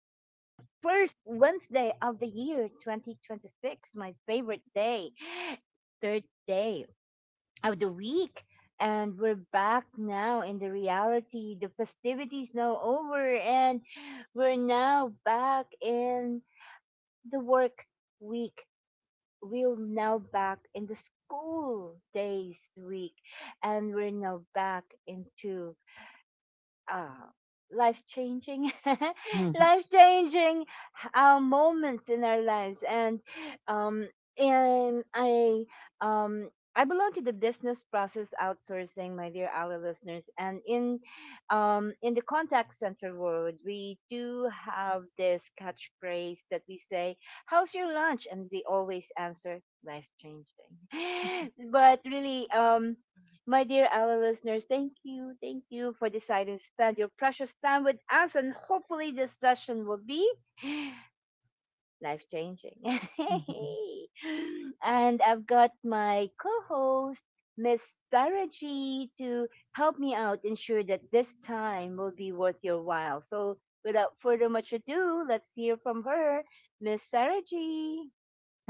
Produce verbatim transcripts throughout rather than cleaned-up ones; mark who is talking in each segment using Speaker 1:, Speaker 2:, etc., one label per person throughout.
Speaker 1: first Wednesday of the year twenty twenty-six, my favorite day, third day of the week. And we're back now in the reality. The festivities now over, and we're now back in the work week. We're now back in the school days week. And we're now back into uh, life changing
Speaker 2: Mhm,
Speaker 1: life changing uh, moments in our lives. And um and i um i belong to the business process outsourcing, my dear our listeners. And in um in the contact center world, we do have this catchphrase that we say, how's your lunch, and we always answer, life changing. But really, um my dear Ella listeners, thank you, thank you for deciding to spend your precious time with us, and hopefully this session will be life changing.
Speaker 2: mhm, mhm.
Speaker 1: And I've got my co-host, Miss Sarah G, to help me out, ensure that this time will be worth your while. So without further much ado, let's hear from her, Miss Sarah G.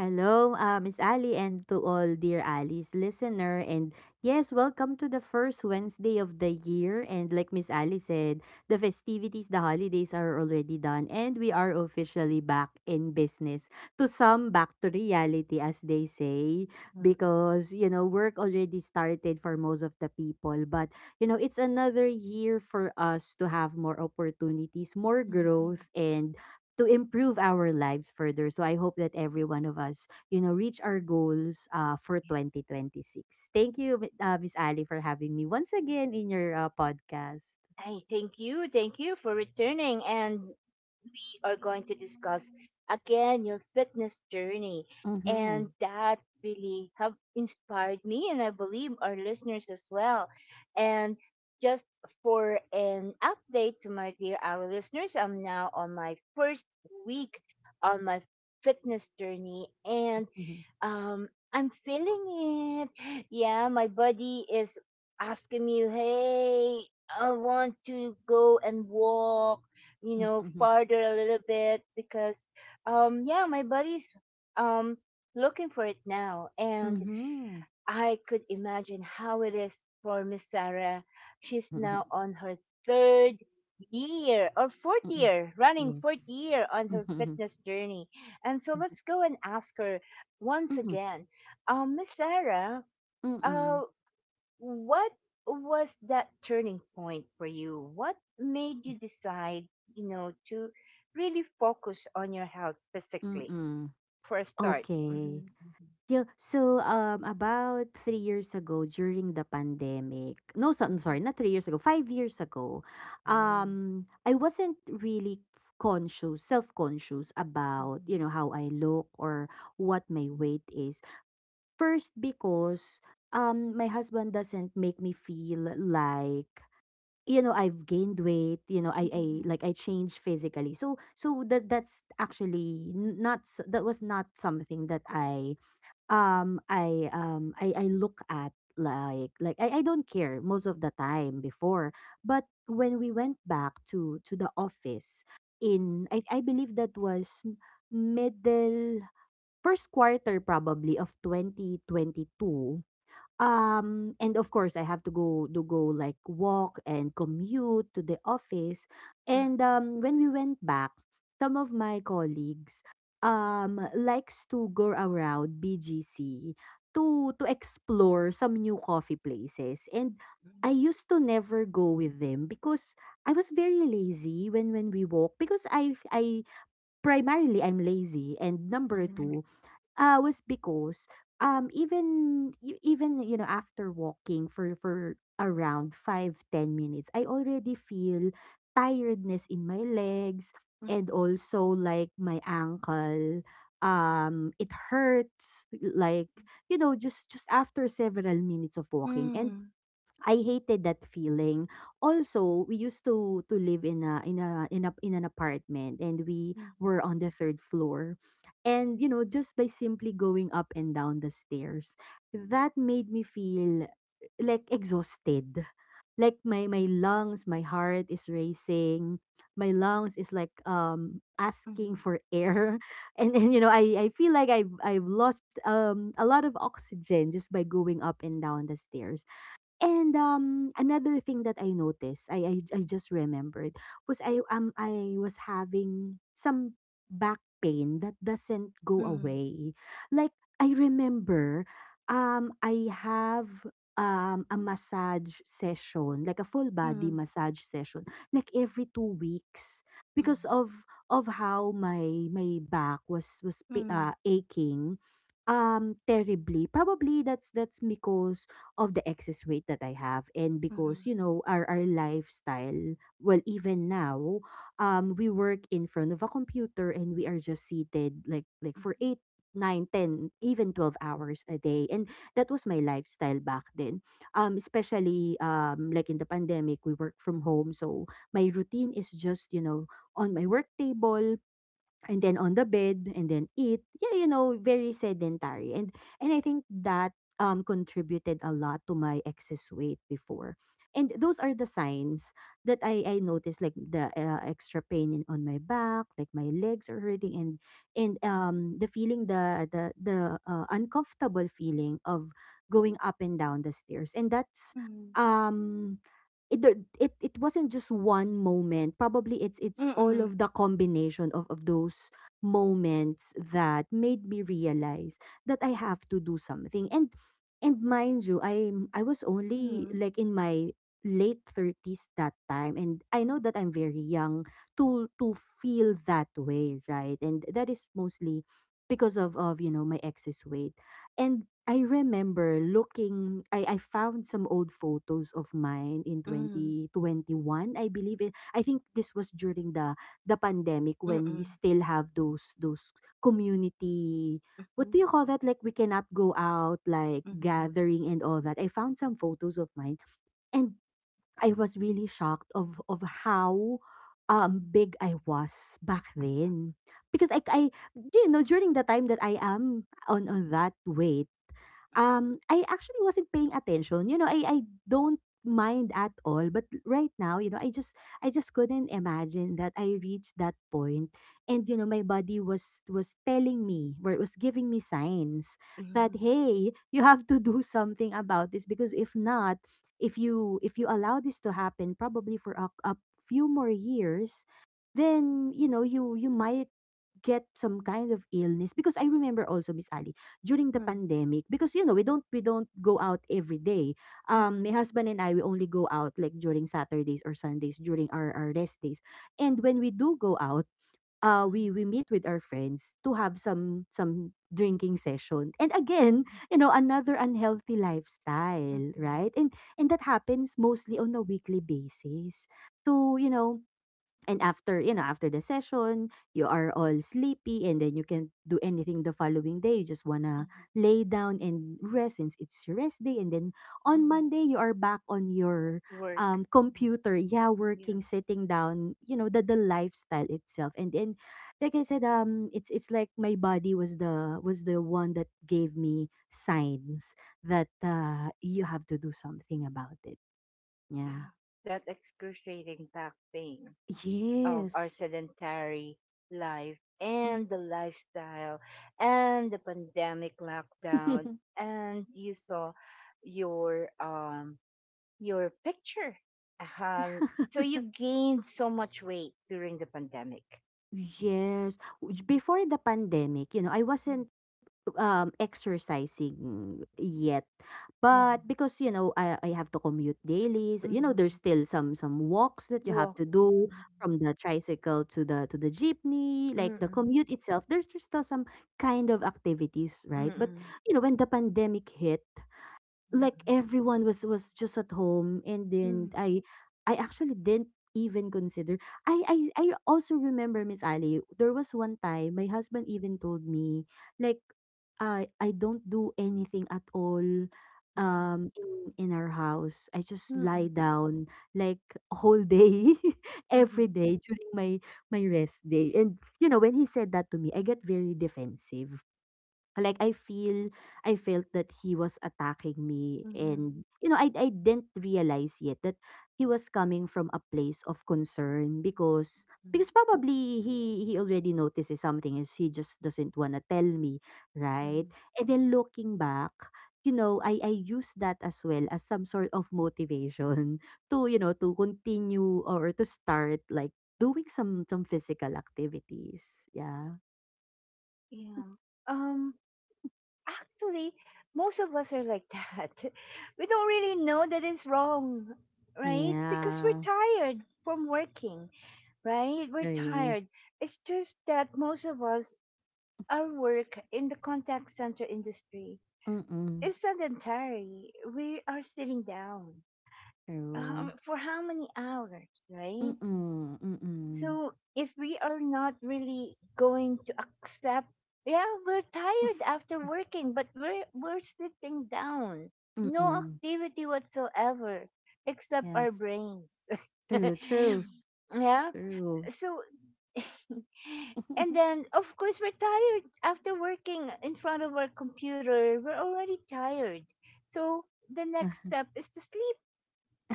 Speaker 2: Hello, uh, Miss Ali, and to all dear Ali's listener. And yes, welcome to the first Wednesday of the year. And like Miss Ali said, the festivities, the holidays are already done, and we are officially back in business. To some, back to reality, as they say,
Speaker 1: Mm.
Speaker 2: because you know work already started for most of the people. But you know it's another year for us to have more opportunities, more growth, and to improve our lives further. So I hope that every one of us, you know, reach our goals uh, for twenty twenty-six. Thank you, Mi- uh, Miss Ali, for having me once again in your uh, podcast.
Speaker 1: I thank you, thank you for returning, and we are going to discuss again your fitness journey.
Speaker 2: Mm-hmm.
Speaker 1: And that really have inspired me, and I believe our listeners as well. And just for an update to my dear our listeners, I'm now on my first week on my fitness journey. And
Speaker 2: Mm-hmm.
Speaker 1: um I'm feeling it, yeah. My body is asking me, hey, I want to go and walk, you know,
Speaker 2: Mm-hmm.
Speaker 1: farther a little bit, because um yeah, my body's um looking for it now. And
Speaker 2: Mm-hmm.
Speaker 1: I could imagine how it is for Miss Sarah. She's now on her third year or fourth
Speaker 2: Mm-hmm.
Speaker 1: year, running
Speaker 2: Yes.
Speaker 1: fourth year on her
Speaker 2: Mm-hmm.
Speaker 1: fitness journey. And so let's go and ask her once
Speaker 2: Mm-hmm.
Speaker 1: again. Um, Miss Sarah, uh,
Speaker 2: Mm-mm.
Speaker 1: what was that turning point for you? What made you decide, you know, to really focus on your health physically
Speaker 2: Mm-mm.
Speaker 1: for a start? Mm-hmm.
Speaker 2: Okay. Yeah, so, um, about three years ago during the pandemic no, so I'm sorry,
Speaker 1: Hmm,
Speaker 2: not three years ago, five years ago,
Speaker 1: hmm.
Speaker 2: um, I wasn't really conscious, self-conscious about, you know, how I look or what my weight is. First, because, um, my husband doesn't make me feel like, you know, I've gained weight, you know, I I
Speaker 1: Mm,
Speaker 2: like I changed physically. So so that that's actually n- not s- that was not something that I um, I um I I look at like like I, I don't care most of the time before. But when we went back to to the office in I I believe that was middle first quarter probably of twenty twenty-two um, and of course, I have to go to go like walk and commute to the office.
Speaker 1: mhm, mhm,
Speaker 2: And um, when we went back, some of my colleagues um likes to go around B G C to to explore some new coffee places. And I used to never go with them because I was very lazy when when we walk because I I primarily I'm lazy and number
Speaker 1: mhm,
Speaker 2: two Uh, was because, um, even you even, you know, after walking for for around five ten minutes, I already feel tiredness in my legs
Speaker 1: mhm,
Speaker 2: and
Speaker 1: mhm,
Speaker 2: also like my ankle.
Speaker 1: mhm,
Speaker 2: Um, it hurts like, you know, just just after several minutes of walking. And I hated that feeling. Also, we used to to live in a in a in a in an apartment and we
Speaker 1: mhm,
Speaker 2: were on the third floor. And you know, just by simply going up and down the stairs, that made me feel like exhausted. Like my my lungs, my heart is racing. My lungs is like um
Speaker 1: mhm, mhm, mhm, mhm, mhm, mhm, mhm, mhm,
Speaker 2: asking
Speaker 1: mhm,
Speaker 2: for air. And and you know, I I feel like I've I've lost um a lot of oxygen just by going up and down the stairs. And um, another thing that I noticed, I, I I just remembered was I um I was having some back pain that doesn't go away. Like I remember, um, I have um a massage session, like a full body massage session, like every two weeks because of of how my my back was was pa- uh, aching um terribly probably that's that's because of the excess weight that I have and because you know our our lifestyle, well even now um we work in front of a computer and we are just seated like like for eight nine, ten, even twelve hours a day. And that was my lifestyle back then, um especially um like in the pandemic we work from home. So my routine is just you know on my work table and then on the bed and then eat. Yeah, you know, very sedentary. And and I think that um contributed a lot to my excess weight before. And those are the signs that i i noticed, like the uh, extra pain in, on my back, like my legs are hurting. And and um the feeling, the the the uh, uncomfortable feeling of going up and down the stairs. And that's um it the- it it wasn't just one moment. Probably it's it's all of the combination of of those moments that made me realize that I have to do something. And and mind you, I I was only
Speaker 1: mhm,
Speaker 2: like in my late thirties that time, and I know that I'm very young to to feel that way, right? And that is mostly because of of you know my ex's way. And I remember looking, I I found some old photos of mine in twenty twenty-one, I believe it. I think this was during the the pandemic, when we
Speaker 1: mhm,
Speaker 2: still have those those community, what do you call that, like we cannot go out, like gathering and all that. I found some photos of mine, and I was really shocked of of how um big I was back then, because I I you know during the time that I am on on that way, um, I actually wasn't paying attention. You know, I I don't mind at all, but right now, you know, I just I just couldn't imagine that I reached that point point. And you know, my body was was telling me, or it was giving me signs that hey, you have to do something about this. Because if not, if you if you allow this to happen probably for a, a few more years, then you know you you might get some kind of illness. Because I remember also, Miss Ali, during the pandemic, because you know we don't we don't go out every day. Um
Speaker 1: mhm,
Speaker 2: my husband and I, we only go out like during Saturdays or Sundays during our, our rest days. And when we do go out, uh we
Speaker 1: mhm,
Speaker 2: we meet with our friends to have some some drinking session. And again, you know, another unhealthy lifestyle,
Speaker 1: mhm.
Speaker 2: right? And and that happens mostly on a weekly basis. So you know, and after, you know, after the session, you are all sleepy and then you can't do anything the following day. You just wanna lay down and rest since it's your rest day. And then on Monday, you are back on your
Speaker 1: Work.
Speaker 2: um
Speaker 1: Mhm.
Speaker 2: computer, yeah, working,
Speaker 1: Yes.
Speaker 2: sitting down, you know, the the lifestyle itself. And then like I said, um it's it's like my body was the was the one that gave me signs that uh you have to do something about it.
Speaker 1: Yeah.
Speaker 2: Yeah.
Speaker 1: That excruciating back pain of our
Speaker 2: Yes.
Speaker 1: sedentary life and the lifestyle and the pandemic lockdown. And you saw your um your picture. um so you gained so much weight during the pandemic.
Speaker 2: Yes. Which, before the pandemic, you know, I wasn't um exercising yet. But
Speaker 1: Mm-hmm.
Speaker 2: because, you know, I, I have to commute daily, so, you know,
Speaker 1: Mm-hmm.
Speaker 2: there's still some some walks that you have
Speaker 1: Well,
Speaker 2: to do
Speaker 1: mm-mm,
Speaker 2: from the tricycle to the to the jeepney, like the
Speaker 1: mm-mm,
Speaker 2: commute itself. There's, there's still some kind of activities, right?
Speaker 1: mm-mm,
Speaker 2: But you know, when the pandemic hit, like everyone was was just at home. And
Speaker 1: mm-mm,
Speaker 2: then I I actually didn't even consider. I I I also remember, Miss Ali, there was one time my husband even told me like I I don't do anything at all um in in our house, I just
Speaker 1: mm-mm,
Speaker 2: lie down like whole day
Speaker 1: mm-mm,
Speaker 2: every day during my my rest day. And you know, when he said that to me, I get very defensive, like I feel, I felt that he was attacking me.
Speaker 1: mm-mm,
Speaker 2: And you know, I I didn't realize yet that he was coming from a place of concern, because because probably he he already notices something, is he just doesn't want to tell me, right?
Speaker 1: mm-mm.
Speaker 2: And then looking back, you know, I I use that as well as some sort of motivation to you know to continue or to start like doing some some physical activities, yeah.
Speaker 1: Yeah. um Actually, most of us are like that. We don't really know that it's wrong, right? Because we're
Speaker 2: Yeah,
Speaker 1: tired from working, right? We're
Speaker 2: okay.
Speaker 1: tired. It's just that most of us, our work in the contact center industry
Speaker 2: Mm, mm,
Speaker 1: is sedentary. We are sitting down,
Speaker 2: true.
Speaker 1: um, for how many hours, right?
Speaker 2: Mm, mm. Mm.
Speaker 1: So if we are not really going to accept, yeah, we're tired after working, but we're we're sitting down,
Speaker 2: Mm, mm,
Speaker 1: no
Speaker 2: mm.
Speaker 1: activity whatsoever except our
Speaker 2: Yes.
Speaker 1: brains.
Speaker 2: True, true,
Speaker 1: Yeah.
Speaker 2: true.
Speaker 1: So, and then of course we're tired after working in front of our computer. We're already tired. So the next step is to sleep,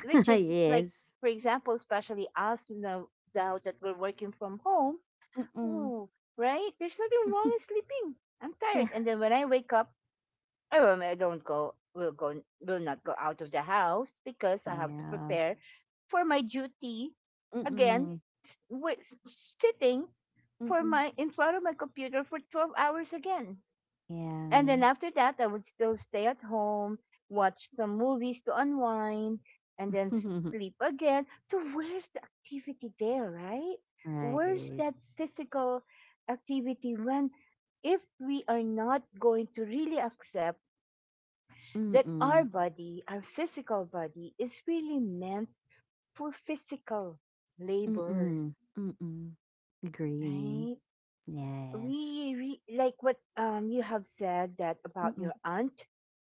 Speaker 1: which is like,
Speaker 2: Yes.
Speaker 1: for example, especially us now, now that we're working from home.
Speaker 2: Mm.
Speaker 1: Ooh, right, there's nothing wrong
Speaker 2: Mm.
Speaker 1: with sleeping. I'm tired,
Speaker 2: Yeah.
Speaker 1: and then when I wake up, i, will- I don't go, will go, will not go out of the house because I have to
Speaker 2: Yeah.
Speaker 1: prepare for my duty
Speaker 2: Mm.
Speaker 1: again,
Speaker 2: Mm.
Speaker 1: s- wi- s- sitting
Speaker 2: Mm,
Speaker 1: for
Speaker 2: mm.
Speaker 1: my in front of my computer for twelve hours again. And then
Speaker 2: Yeah.
Speaker 1: after that, I would still stay at home, watch some movies to unwind, and then sleep again. So, where's the activity there, right? Where's
Speaker 2: Right.
Speaker 1: that physical activity when, if we are not going to really accept
Speaker 2: Mm.
Speaker 1: that our
Speaker 2: Mm.
Speaker 1: body, our physical body, is really meant for physical
Speaker 2: Mm.
Speaker 1: labor,
Speaker 2: Mm, mm, mm. Agree.
Speaker 1: right?
Speaker 2: Yes.
Speaker 1: We re- like what um you have said that about
Speaker 2: Mm.
Speaker 1: your aunt.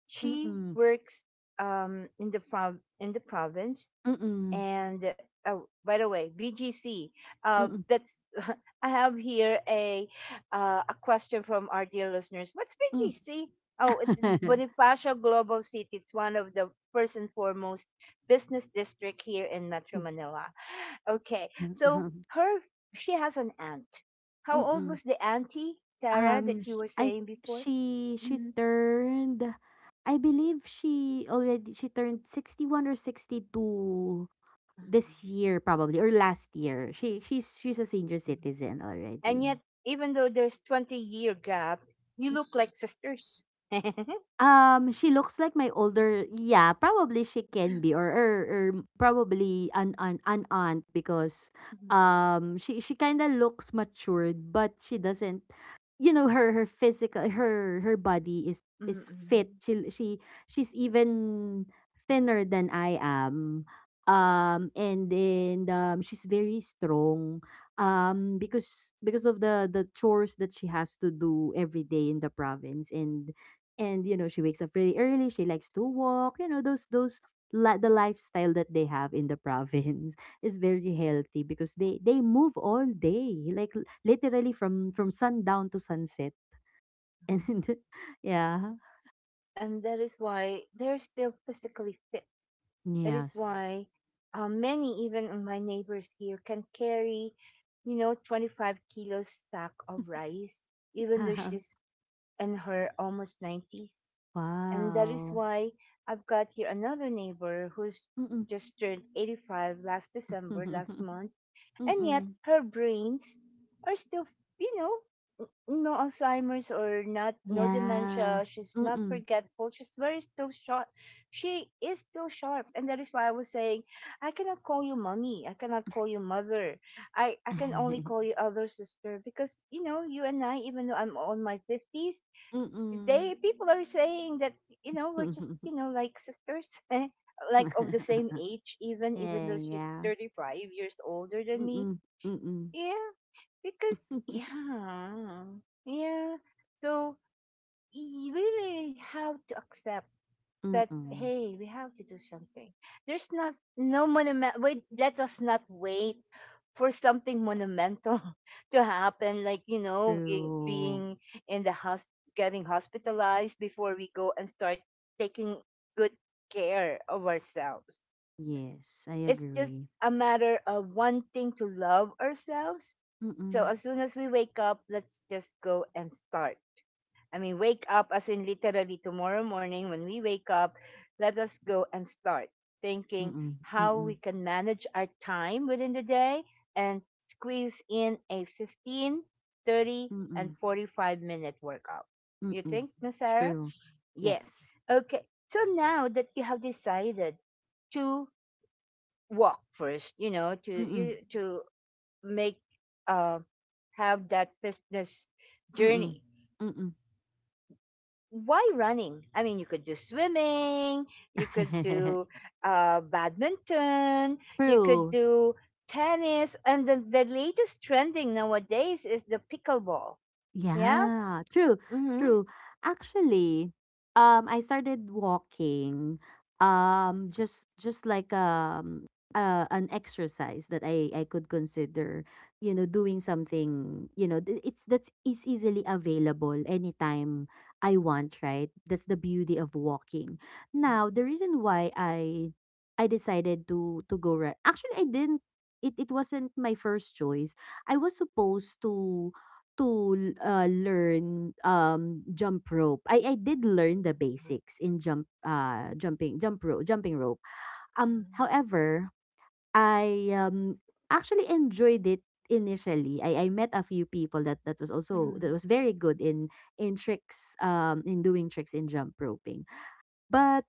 Speaker 1: She
Speaker 2: Mm.
Speaker 1: works, um, in the prov- in the province.
Speaker 2: Mm.
Speaker 1: And, oh, by the way, B G C. Uh,
Speaker 2: Mm.
Speaker 1: that's I have here a uh, a question from our dear listeners. What's
Speaker 2: Mm.
Speaker 1: B G C? Oh, it's Bonifacio Global City. It's one of the first and foremost business district here in Metro
Speaker 2: Mm.
Speaker 1: Manila. Okay, so her, she has an aunt. How
Speaker 2: Mm.
Speaker 1: old
Speaker 2: Mm.
Speaker 1: was the auntie Sarah that
Speaker 2: Um,
Speaker 1: you
Speaker 2: sh
Speaker 1: were
Speaker 2: I
Speaker 1: saying before?
Speaker 2: she she
Speaker 1: Mhm.
Speaker 2: turned, I believe she already, she turned sixty one or sixty two this year, probably, or last year. She she's she's a senior citizen
Speaker 1: And yet,
Speaker 2: already.
Speaker 1: even though there's twenty year gap, you look
Speaker 2: Mm.
Speaker 1: like sisters.
Speaker 2: Um, she looks like my older, yeah, probably she can be or or, or probably an, an an aunt, because
Speaker 1: Mhm.
Speaker 2: um she she kind of looks matured, but she doesn't, you know, her her physical, her her body is is fit.
Speaker 1: Mm-mm.
Speaker 2: She she she's even thinner than I am. Um and then um she's very strong, um because because of the the chores that she has to do every day in the province. and and you know she wakes up really early, she likes to walk, you know, those those li- the lifestyle that they have in the province is very healthy, because they they move all day, like l- literally from from sundown to sunset. And yeah.
Speaker 1: And that is why they're still physically fit. That is
Speaker 2: Yes.
Speaker 1: why, uh, many, even of my neighbors here, can carry, you know, twenty-five kilos sack of rice, even though she's in her almost nineties. And that is
Speaker 2: Wow.
Speaker 1: why I've got here another neighbor who's
Speaker 2: Mm-mm.
Speaker 1: just turned eighty-five last December, last month, and yet
Speaker 2: Mm-mm.
Speaker 1: her brains are still, you know, no Alzheimer's, or not, no
Speaker 2: Yeah.
Speaker 1: dementia. She's not
Speaker 2: Mm-mm.
Speaker 1: forgetful. She's very still sharp. She is still sharp. And that is why I was saying, I cannot call you mommy, I cannot call you mother, i i can only call you elder sister, because, you know, you and I, even though I'm on my fifties,
Speaker 2: Mm-mm.
Speaker 1: they people are saying that, you know, we're just, you know, like sisters like of the same age, even even
Speaker 2: Yeah,
Speaker 1: though she's
Speaker 2: yeah.
Speaker 1: thirty-five years older than me.
Speaker 2: Mm-mm. Mm-mm.
Speaker 1: Yeah. Because, yeah, yeah. So you really have to accept that,
Speaker 2: Mm-mm.
Speaker 1: hey, we have to do something. There's not no monument. Wait, let us not wait for something monumental to happen. Like, you know, i-
Speaker 2: True.
Speaker 1: being in the house, getting hospitalized, before we go and start taking good care of ourselves.
Speaker 2: Yes, I
Speaker 1: It's just
Speaker 2: agree.
Speaker 1: a matter of wanting to love ourselves. So
Speaker 2: Mm-mm,
Speaker 1: as soon as we wake up, let's just go and start. I mean, wake up as in literally tomorrow morning when we wake up, let us go and start thinking
Speaker 2: mm-mm,
Speaker 1: how we
Speaker 2: agree.
Speaker 1: can manage our time within the day and squeeze in a fifteen, thirty,
Speaker 2: Mm-mm,
Speaker 1: and
Speaker 2: mm-mm,
Speaker 1: forty-five minute workout. You
Speaker 2: mm-mm.
Speaker 1: think, Miss Sarah?
Speaker 2: True.
Speaker 1: Yes.
Speaker 2: Yes.
Speaker 1: Okay. So now that you have decided to walk first, you know, to
Speaker 2: Mm-mm,
Speaker 1: you to make, uh, have that fitness
Speaker 2: mm-mm,
Speaker 1: journey,
Speaker 2: mm-mm.
Speaker 1: why running? I mean, you could do swimming, you could do, uh, badminton, you could
Speaker 2: True.
Speaker 1: do tennis, and the, the latest trending nowadays is the pickleball. Yeah.
Speaker 2: Yeah, true, true. Actually, um, I started walking, um, just just like um, uh, an exercise that I I could consider, you know, doing something, you know, th- it's that's is easily available anytime I want, right? That's the beauty of walking. Now, the reason why I I decided to to go run, actually, I didn't. It it wasn't my first choice. I was supposed to to uh, learn um jump rope. I I did learn the basics in jump uh jumping jump rope jumping rope. Um however, I um actually enjoyed it initially. I, I met a few people that that was also that was very good in in tricks um in doing tricks in jump roping. But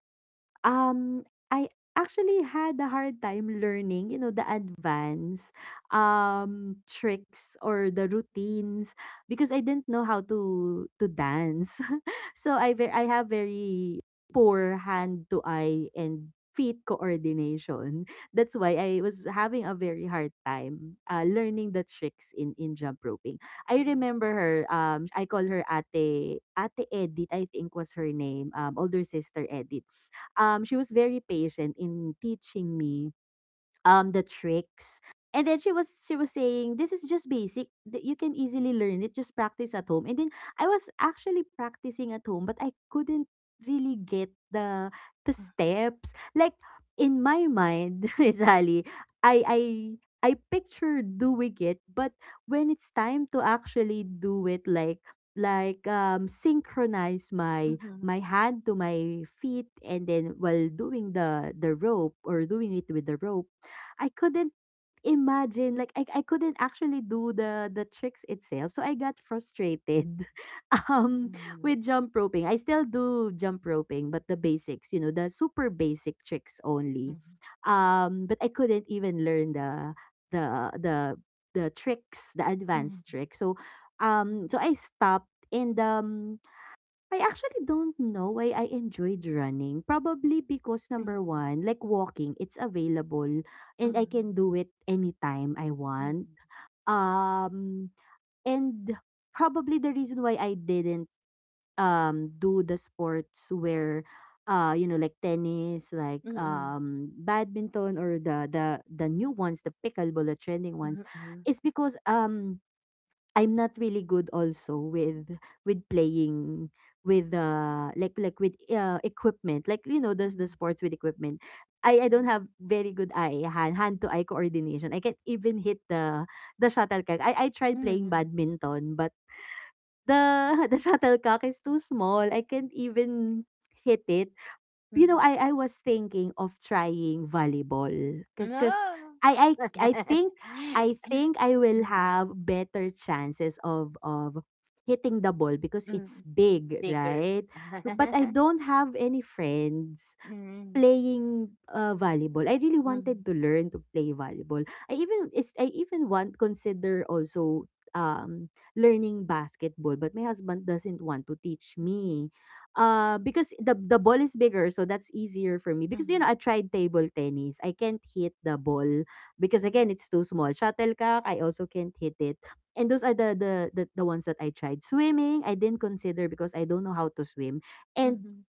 Speaker 2: um, I actually had a hard time learning, you know, the advanced um tricks or the routines because I didn't know how to to dance. So I ve- I have very poor hand to eye and feet coordination. That's why I was having a very hard time uh, learning the tricks in in jump roping. I remember her, um I call her Ate Ate Edith, I think was her name, um older sister Edith. Um, she was very patient in teaching me um the tricks, and then she was she was saying this is just basic, that you can easily learn it, just practice at home. And then I was actually practicing at home, but I couldn't really get the the steps like in my mind. Sally, i i I picture doing it, but when it's time to actually do it, like like um synchronize my my hand to my feet, and then while doing the the rope or doing it with the rope, I couldn't imagine, like I I couldn't actually do the the tricks itself. So I got frustrated, um with jump roping. I still do jump roping, but the basics, you know, the super basic tricks only. Um but I couldn't even learn the the the the tricks, the advanced tricks. So um so I stopped, and um I actually don't know why I enjoyed running. Probably because number one, like walking, it's available and I can do it anytime I want. Um, and probably the reason why I didn't um do the sports where uh you know, like tennis, like
Speaker 1: Mm-hmm.
Speaker 2: um badminton, or the the the new ones, the pickleball, the trending ones, is because um I'm not really good also with with playing with uh like like with uh equipment, like, you know, does the sports with equipment. I I don't have very good eye hand hand to eye coordination. I can't even hit the the shuttlecock. I I tried playing
Speaker 1: Mm.
Speaker 2: badminton, but the the shuttlecock is too small, I can't even hit it. You know,
Speaker 1: Mm.
Speaker 2: I I was thinking of trying volleyball, 'cause 'cause
Speaker 1: No.
Speaker 2: I I I think I think I will
Speaker 1: Mm,
Speaker 2: have better chances of of hitting the ball because it's
Speaker 1: mm.
Speaker 2: big,
Speaker 1: Bigger.
Speaker 2: right? But I don't have any friends
Speaker 1: Mm,
Speaker 2: playing, uh, volleyball. I really
Speaker 1: mm,
Speaker 2: wanted to learn to play volleyball. I even is I even want consider also, um, learning basketball, but my husband doesn't want to teach
Speaker 1: mhm,
Speaker 2: me, uh, because the the ball is bigger, so that's easier for me. Because, you
Speaker 1: mhm,
Speaker 2: know, I tried table tennis. I can't hit the ball because, again, it's too small. Shuttlecock, I also can't hit it. And those are the the the, the ones that I tried. Swimming, I didn't consider because I don't know how to swim. And
Speaker 1: mhm,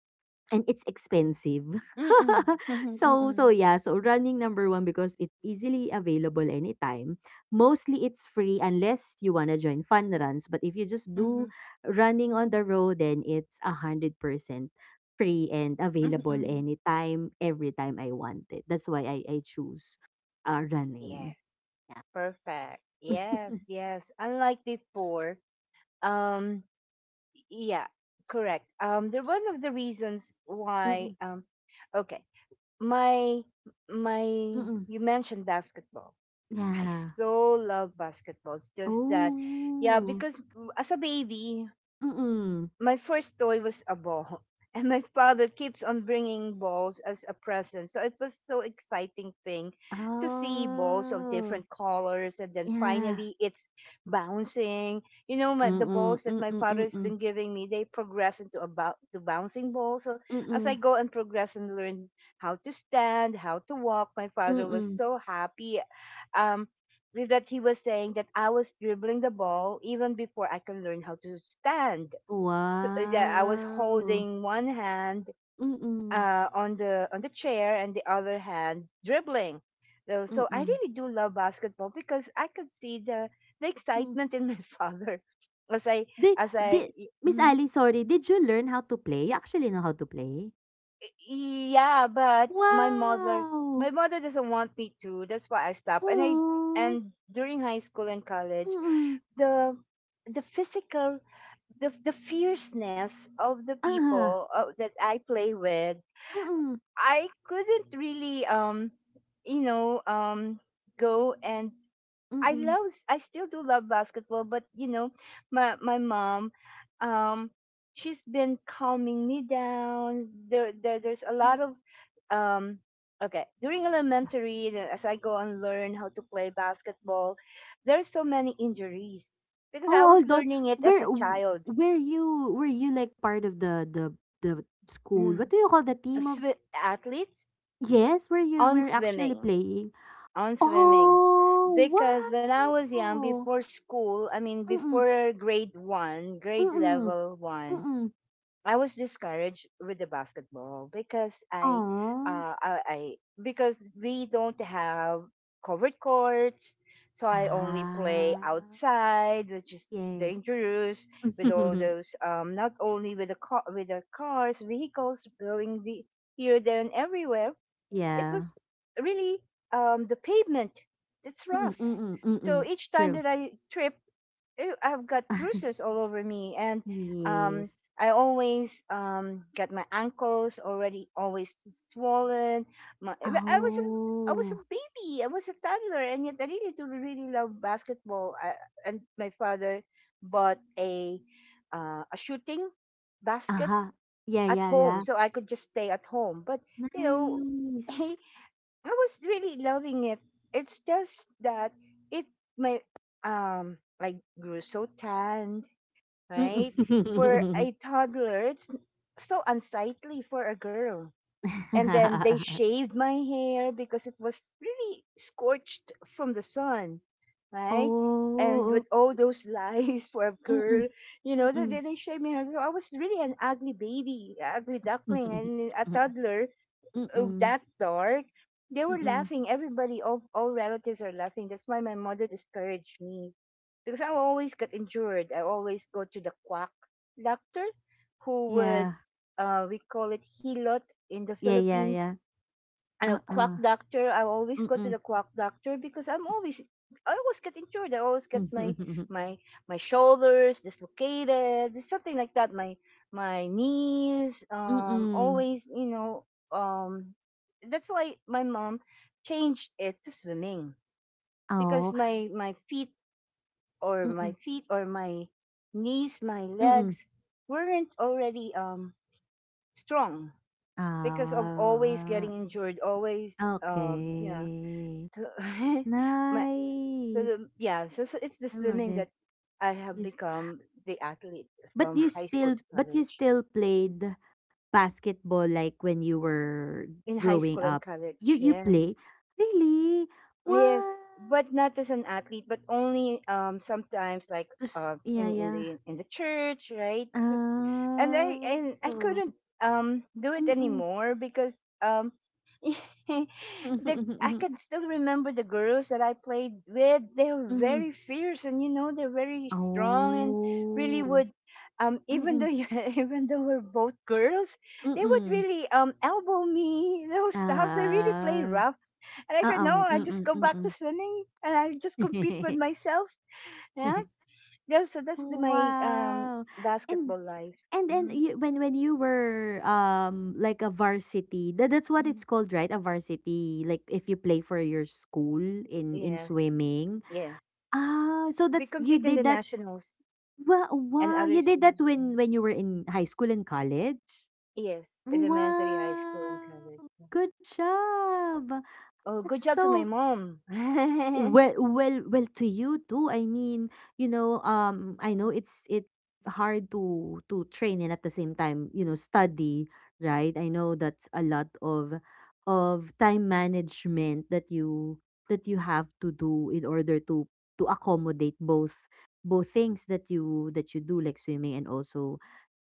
Speaker 2: and it's expensive.
Speaker 1: mhm, mhm,
Speaker 2: So so
Speaker 1: mhm,
Speaker 2: yeah, so running, number one, because it's easily available anytime. Mostly it's free unless you wanna join fun runs. But if you just do
Speaker 1: mhm,
Speaker 2: running on the road, then it's a hundred percent free and
Speaker 1: mhm,
Speaker 2: available
Speaker 1: mhm.
Speaker 2: anytime, every time I want it. That's why I I choose uh
Speaker 1: Yes,
Speaker 2: running. Yeah.
Speaker 1: perfect. Yes, yes. Unlike before, um, yeah, correct. Um, they're one of the reasons why.
Speaker 2: Mm-mm.
Speaker 1: Um, okay, my my.
Speaker 2: Mm-mm.
Speaker 1: You mentioned basketball. I
Speaker 2: Yeah.
Speaker 1: so love basketballs. Just that, yeah,
Speaker 2: Oh.
Speaker 1: because, mm, as a baby,
Speaker 2: Mm-mm.
Speaker 1: my first toy was a ball and my father keeps on bringing balls as a present, so it was so exciting thing to see balls of
Speaker 2: Oh.
Speaker 1: different colors, and then
Speaker 2: Yeah.
Speaker 1: finally it's bouncing. You know, my, the
Speaker 2: Mm,
Speaker 1: balls that
Speaker 2: mm,
Speaker 1: my
Speaker 2: mm,
Speaker 1: father's
Speaker 2: mm,
Speaker 1: been giving me, they progress into about to bouncing balls. So as I
Speaker 2: mm.
Speaker 1: go and progress and learn how to stand, how to walk, my father was
Speaker 2: Yeah.
Speaker 1: so happy um with that. He was saying that I was dribbling the ball even before I can learn how to stand. uh, yeah, I was
Speaker 2: Wow!
Speaker 1: holding one hand,
Speaker 2: Mm, mm,
Speaker 1: uh, on the on the chair and the other hand dribbling. So,
Speaker 2: I think
Speaker 1: so I
Speaker 2: hmm.
Speaker 1: really do love basketball because I could see the the
Speaker 2: I
Speaker 1: excitement in my father as I,
Speaker 2: Di
Speaker 1: as I.
Speaker 2: di Miss
Speaker 1: Mm,
Speaker 2: Ali, sorry, did you learn how to play? You actually know how to play?
Speaker 1: yeah, but my mother
Speaker 2: Wow!
Speaker 1: my mother doesn't want me to. That's why I stopped. And I
Speaker 2: Aw,
Speaker 1: and during high school and college,
Speaker 2: mm,
Speaker 1: the the physical the the fierceness of the
Speaker 2: uh-huh,
Speaker 1: people, uh, that I play with,
Speaker 2: mm,
Speaker 1: I couldn't really um you know um go and, I
Speaker 2: mm.
Speaker 1: love I still do love basketball, but, you know, my my mom um she's been calming me down. There, there there's a
Speaker 2: Oh.
Speaker 1: lot of um okay, during elementary, you as I go and learn how to play basketball, there's so many injuries because I
Speaker 2: Oh,
Speaker 1: was
Speaker 2: hold on.
Speaker 1: learning it as a
Speaker 2: Where
Speaker 1: child.
Speaker 2: Were you, were you, like, part of the the the school?
Speaker 1: Mm.
Speaker 2: What do you call the team of—
Speaker 1: Swi- athletes
Speaker 2: yes, where you
Speaker 1: on
Speaker 2: were actually
Speaker 1: swimming
Speaker 2: playing?
Speaker 1: on swimming
Speaker 2: Oh,
Speaker 1: because when
Speaker 2: wow!
Speaker 1: I was young,
Speaker 2: Oo,
Speaker 1: before school, I mean,
Speaker 2: mm,
Speaker 1: before grade one, grade
Speaker 2: mm,
Speaker 1: level one,
Speaker 2: mm.
Speaker 1: I was discouraged with the basketball because, I,
Speaker 2: Aw.
Speaker 1: uh, I, I because we don't have covered courts, so I only play
Speaker 2: Ah,
Speaker 1: outside, which is
Speaker 2: yes.
Speaker 1: dangerous with all those, um not only with the car with the cars vehicles going, the here there and everywhere. It
Speaker 2: Yeah.
Speaker 1: was really, um, the pavement that's
Speaker 2: Mm,
Speaker 1: rough.
Speaker 2: mm, mm,
Speaker 1: So
Speaker 2: mm.
Speaker 1: each time
Speaker 2: True.
Speaker 1: that I trip, eh, I've got bruises all over me, and
Speaker 2: Yes.
Speaker 1: um, I always um, got my ankles already always swollen. My, eh, I was a I was a
Speaker 2: Oh.
Speaker 1: baby. I was a toddler, and yet I really do really love basketball. I, and my father bought a uh, a shooting basket
Speaker 2: Aha. Yeah,
Speaker 1: at
Speaker 2: yeah,
Speaker 1: home,
Speaker 2: yeah.
Speaker 1: so I could just stay at home. But, you know,
Speaker 2: Nice.
Speaker 1: he I was really loving it. It's just that it my um like grew so tanned, right? For
Speaker 2: Mm.
Speaker 1: a toddler, it's so unsightly for a girl. And then they shaved my hair because it was really scorched from the sun, right? And with
Speaker 2: Oh,
Speaker 1: all those lies for a
Speaker 2: mm, mm.
Speaker 1: girl, you know, they, they they shaved my hair. So I was really an ugly baby, ugly duckling,
Speaker 2: Mm,
Speaker 1: and a toddler, oh, that dark. They were
Speaker 2: mm.
Speaker 1: laughing. Everybody, all, all relatives are laughing. That's why my mother discouraged me because I always got injured. I always go to the quack doctor who would,
Speaker 2: Yeah.
Speaker 1: uh, we call it hilot in the
Speaker 2: Yeah, yeah,
Speaker 1: Philippines,
Speaker 2: yeah.
Speaker 1: a quack
Speaker 2: Uh-uh.
Speaker 1: doctor. I always go to
Speaker 2: Mm.
Speaker 1: the quack doctor because I'm always I always get injured. I always get my my my shoulders dislocated, something like that. My my knees, um,
Speaker 2: Mm.
Speaker 1: always you know, um, that's why my mom changed it to swimming
Speaker 2: Oo,
Speaker 1: because my my feet or my
Speaker 2: mm,
Speaker 1: feet or my knees, my
Speaker 2: mm.
Speaker 1: legs weren't already um strong because of always
Speaker 2: Ah,
Speaker 1: getting injured, always um yeah,
Speaker 2: okay.
Speaker 1: so, my, so
Speaker 2: Nice,
Speaker 1: the, yeah, so, so it's the
Speaker 2: I love
Speaker 1: swimming
Speaker 2: it.
Speaker 1: that I have
Speaker 2: You s
Speaker 1: become the athlete
Speaker 2: But
Speaker 1: from
Speaker 2: you
Speaker 1: high school
Speaker 2: still,
Speaker 1: to
Speaker 2: but you
Speaker 1: college.
Speaker 2: still played basketball, like, when you were
Speaker 1: In high
Speaker 2: growing
Speaker 1: school
Speaker 2: up?
Speaker 1: and
Speaker 2: You
Speaker 1: college,
Speaker 2: you play?
Speaker 1: yes,
Speaker 2: Really?
Speaker 1: yes,
Speaker 2: What?
Speaker 1: but not as an athlete, but only um sometimes like
Speaker 2: Just
Speaker 1: uh
Speaker 2: yeah,
Speaker 1: in, in
Speaker 2: yeah.
Speaker 1: the in the church, right? So and I and I
Speaker 2: Oh.
Speaker 1: couldn't um do it
Speaker 2: Mm.
Speaker 1: anymore because um
Speaker 2: Mhm,
Speaker 1: the
Speaker 2: mhm,
Speaker 1: I
Speaker 2: mhm.
Speaker 1: can still remember the girls that I played with. They were
Speaker 2: Mhm.
Speaker 1: very fierce, and you know they're very strong and really
Speaker 2: Oh.
Speaker 1: would, um even
Speaker 2: Mm,
Speaker 1: though you, even though we're both girls, they would
Speaker 2: mm.
Speaker 1: really um elbow me, those stuffs. They really play
Speaker 2: Ah,
Speaker 1: rough. And I said,
Speaker 2: oo,
Speaker 1: "No, I
Speaker 2: mm,
Speaker 1: just go
Speaker 2: mm,
Speaker 1: back to
Speaker 2: mm.
Speaker 1: swimming and I just compete with myself." Yeah. Yeah, so that's the, my, um
Speaker 2: Wow, and
Speaker 1: basketball life.
Speaker 2: and then
Speaker 1: Mm-hmm.
Speaker 2: you— when when you were, um, like a varsity, that that's what
Speaker 1: Mhm.
Speaker 2: it's called, right? A varsity, like if you play for your school in in
Speaker 1: Yes,
Speaker 2: swimming.
Speaker 1: yes.
Speaker 2: Ah, so
Speaker 1: We
Speaker 2: that's— you
Speaker 1: compete in
Speaker 2: did
Speaker 1: the
Speaker 2: that—
Speaker 1: nationals
Speaker 2: wow,
Speaker 1: and
Speaker 2: wow,
Speaker 1: other
Speaker 2: you did that
Speaker 1: schools.
Speaker 2: when
Speaker 1: Mm.
Speaker 2: when you were in high school and college?
Speaker 1: Yes, elementary, high school, and
Speaker 2: Wow,
Speaker 1: college. Yeah.
Speaker 2: good job.
Speaker 1: Oh,
Speaker 2: That's
Speaker 1: good job to my
Speaker 2: so—
Speaker 1: mom.
Speaker 2: well, well, well to you too, I mean, you know, um I know it's it's hard to to train, and at the same time, you know, study, right? I know that's a lot of of time management that you that you have to do in order to to accommodate both, both things that you that you do, like swimming, and also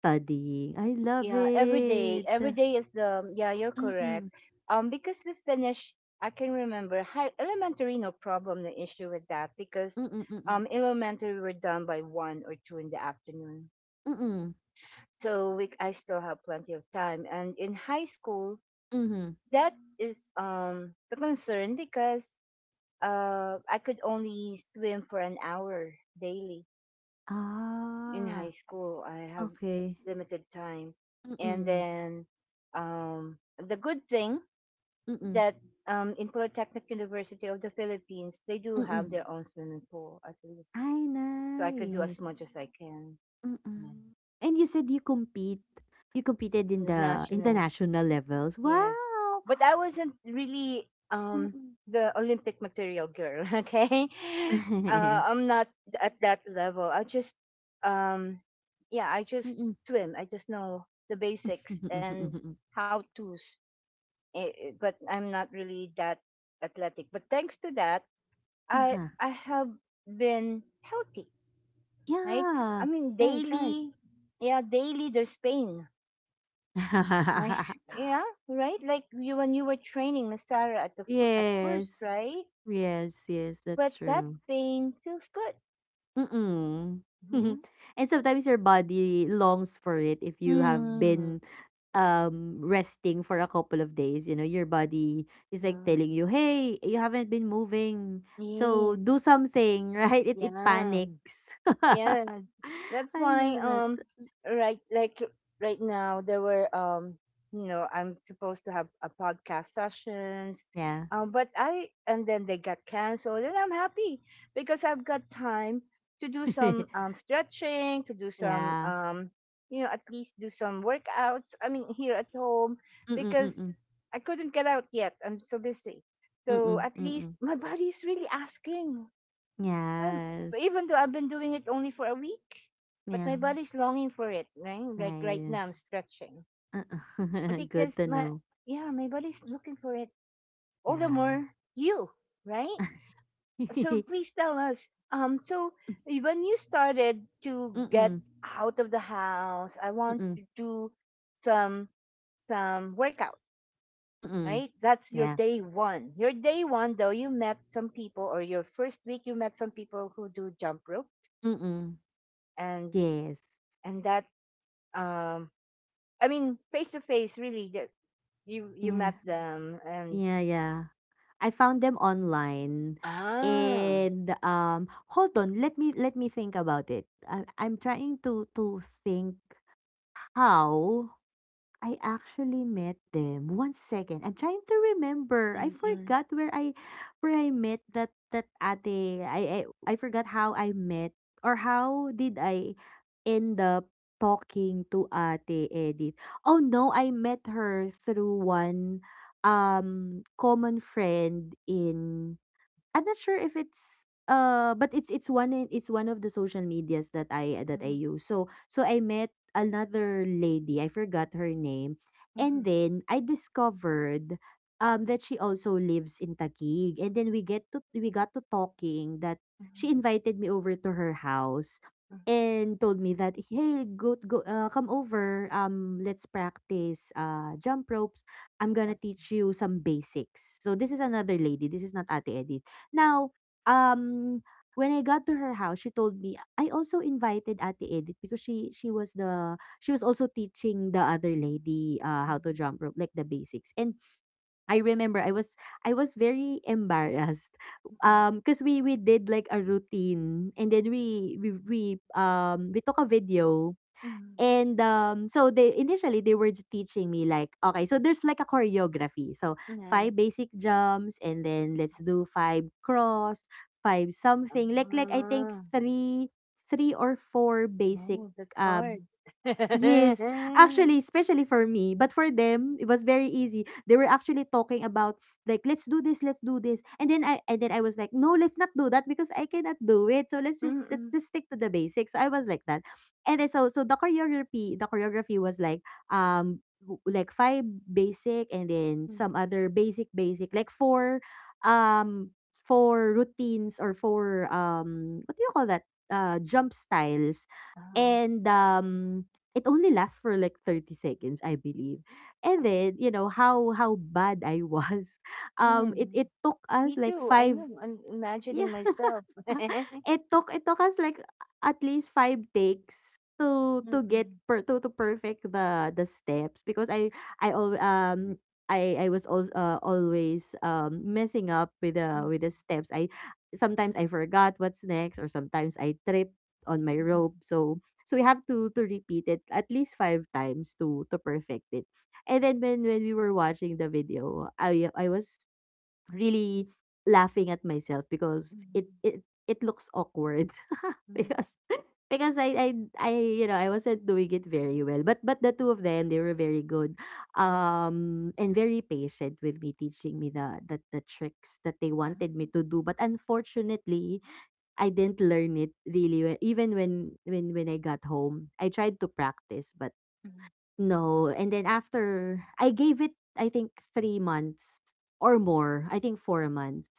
Speaker 2: studying. I love
Speaker 1: Yeah, every day.
Speaker 2: it.
Speaker 1: Every day is the, yeah, you're
Speaker 2: Mm,
Speaker 1: correct.
Speaker 2: mm,
Speaker 1: Um, because we finished, I can remember, high elementary, no problem, no issue with that because,
Speaker 2: mm, mm, mm,
Speaker 1: um, elementary, we were done by one or two in the afternoon.
Speaker 2: mm, mm,
Speaker 1: So we, I still have plenty of time. And in high school,
Speaker 2: mm, mhm.
Speaker 1: that is um the concern because uh I could only swim for an hour daily in
Speaker 2: Ah,
Speaker 1: high school. I have
Speaker 2: okay.
Speaker 1: limited time. And
Speaker 2: Mm,
Speaker 1: then, um the good thing
Speaker 2: mm, mm.
Speaker 1: that, um in Polytechnic University of the Philippines they do have
Speaker 2: Hmm.
Speaker 1: their own swimming pool at least.
Speaker 2: Ay,
Speaker 1: So I could do as
Speaker 2: nice.
Speaker 1: much as I can. Yeah.
Speaker 2: Mm. And you said you— compete you competed
Speaker 1: In
Speaker 2: in
Speaker 1: the
Speaker 2: the international, the
Speaker 1: nationals.
Speaker 2: national levels.
Speaker 1: Yes.
Speaker 2: Wow!
Speaker 1: But I wasn't really um
Speaker 2: Mm.
Speaker 1: the Olympic material girl, okay? Uh, I'm not at that level. I just, um yeah, I just
Speaker 2: Mm.
Speaker 1: swim. I just know the basics and how to's. eh, eh, But I'm not really that athletic. But thanks to that, I
Speaker 2: Uh-huh.
Speaker 1: I have been healthy, right? I
Speaker 2: Yeah.
Speaker 1: mean,
Speaker 2: Right, right.
Speaker 1: daily, yeah, daily there's pain, my yeah, right? Like you when you were training Masara at the fir- at
Speaker 2: Yes.
Speaker 1: first, right?
Speaker 2: Yes, yes, that's
Speaker 1: But that
Speaker 2: true.
Speaker 1: thing feels good.
Speaker 2: Mm.
Speaker 1: Yeah.
Speaker 2: And sometimes your body longs for it. If you have
Speaker 1: Mm.
Speaker 2: been um resting for a couple of days, you know, your body is like telling
Speaker 1: Mm.
Speaker 2: you, hey, you haven't been moving, so
Speaker 1: Yes.
Speaker 2: do something. Right? it it
Speaker 1: Yeah.
Speaker 2: panics.
Speaker 1: Yeah, that's
Speaker 2: I
Speaker 1: why,
Speaker 2: love that.
Speaker 1: um right like right now there were, um you know I'm supposed to have a podcast sessions,
Speaker 2: Yeah.
Speaker 1: um but I and then they got canceled, and I'm happy because I've got time to do some um stretching, to do some,
Speaker 2: Yeah,
Speaker 1: um you know at least do some workouts, I mean, here at home
Speaker 2: mm,
Speaker 1: because
Speaker 2: mm,
Speaker 1: I couldn't get out yet, I'm so busy. So
Speaker 2: mm,
Speaker 1: at least
Speaker 2: mm,
Speaker 1: my body is really asking, um,
Speaker 2: yes,
Speaker 1: even though I've been doing it only for a week, but
Speaker 2: yeah,
Speaker 1: my body's longing for it, right? Like right now, I'm
Speaker 2: nice.
Speaker 1: stretching
Speaker 2: Uh-uh. Good
Speaker 1: because
Speaker 2: to
Speaker 1: my
Speaker 2: know.
Speaker 1: yeah, my body's looking for it. All the more
Speaker 2: Yeah.
Speaker 1: you, right? So please tell us. Um, so when you started to
Speaker 2: Mm,
Speaker 1: get
Speaker 2: mm,
Speaker 1: out of the house, I want
Speaker 2: mm,
Speaker 1: to do some some workout,
Speaker 2: mm,
Speaker 1: right? That's your
Speaker 2: yeah,
Speaker 1: day one. Your day one, though, you met some people, or your first week, you met some people who do jump rope,
Speaker 2: mm,
Speaker 1: and
Speaker 2: yes,
Speaker 1: and that. Um, I mean, face to face, really. That you you
Speaker 2: yeah,
Speaker 1: met them, and...
Speaker 2: yeah, yeah. I found them online,
Speaker 1: Ah.
Speaker 2: and um hold on, let me let me think about it. I, I'm trying to to think how I actually met them. One second. I'm trying to remember. I
Speaker 1: Mm-mm.
Speaker 2: forgot where I where I met that that ate. I I, I forgot how I met, or how did I end up talking to Ate Edith. Oh no, I met her through one um common friend in— I'm not sure if it's uh, but it's it's one in- it's one of the social medias that I that I
Speaker 1: Mhm,
Speaker 2: use. So so I met another lady, I forgot her name, and
Speaker 1: mhm,
Speaker 2: then I discovered um that she also lives in Taguig. And then we get to we got to talking that she
Speaker 1: mhm,
Speaker 2: invited me over to her house
Speaker 1: mhm.
Speaker 2: and told me that, hey, go go uh, come over, um let's practice, uh, jump ropes, I'm gonna
Speaker 1: Awesome.
Speaker 2: teach you some basics. So this is another lady. This is not Ate Eddie. Now, um, when I got to her house, she told me I also invited Ate Edith, because she she was the she was also teaching the other lady, uh, how to
Speaker 1: Mhm,
Speaker 2: jump rope, like the basics. And I remember I was I was very embarrassed,
Speaker 1: mhm,
Speaker 2: um, because we we did like a routine, and then we we we um we took a video.
Speaker 1: mhm.
Speaker 2: And, um, so they initially, they were j teaching me like, okay, so there's like a choreography. So five
Speaker 1: Nice.
Speaker 2: basic jumps, and then let's do five cross, five something, like— like I think
Speaker 1: Ah,
Speaker 2: three— three or four basic,
Speaker 1: oh, that's
Speaker 2: uh—
Speaker 1: hard.
Speaker 2: yes, actually, especially for me, but for them, it was very easy. They were actually talking about, like, let's do this, let's do this, and then I and then I was like, no, let's not do that because I cannot do it. So let's just let's
Speaker 1: Mm-mm.
Speaker 2: just stick to the basics. So I was like that, and then so so the choreography, the choreography was like, um w- like five basic, and then
Speaker 1: Mhm.
Speaker 2: some other basic, basic like four um four routines, or four, um, what do you call that, uh, jump styles.
Speaker 1: Ah,
Speaker 2: And um it only lasts for like thirty seconds, I believe. And then, you know how how bad I was, um it
Speaker 1: mm.
Speaker 2: it took us
Speaker 1: Me
Speaker 2: like
Speaker 1: too. I
Speaker 2: five—
Speaker 1: know. I'm
Speaker 2: yeah.
Speaker 1: imagining myself.
Speaker 2: It took, it took us like at least five takes to to get
Speaker 1: Mm-mm,
Speaker 2: per—, to, to perfect the the steps because I I al- um I I was al- uh, always um messing up with the with the
Speaker 1: mm-mm,
Speaker 2: steps. I sometimes I forgot what's next, or sometimes I tripped on my rope.
Speaker 1: mm-mm,
Speaker 2: So so we have to to repeat it at least five times to to perfect it. And then when when we were watching the video, I I was really laughing at myself because it
Speaker 1: mm-mm,
Speaker 2: it it looks awkward
Speaker 1: mm.
Speaker 2: because because I I I you know I wasn't doing it very well, but but the two of them, they were very good um and very patient with me, teaching me the the, the tricks that they
Speaker 1: Ah,
Speaker 2: wanted me to do. But unfortunately I didn't learn it really well. Even when when when I got home, I tried to practice, but
Speaker 1: mm,
Speaker 2: no. And then after, I gave it I think three months or more, I think four months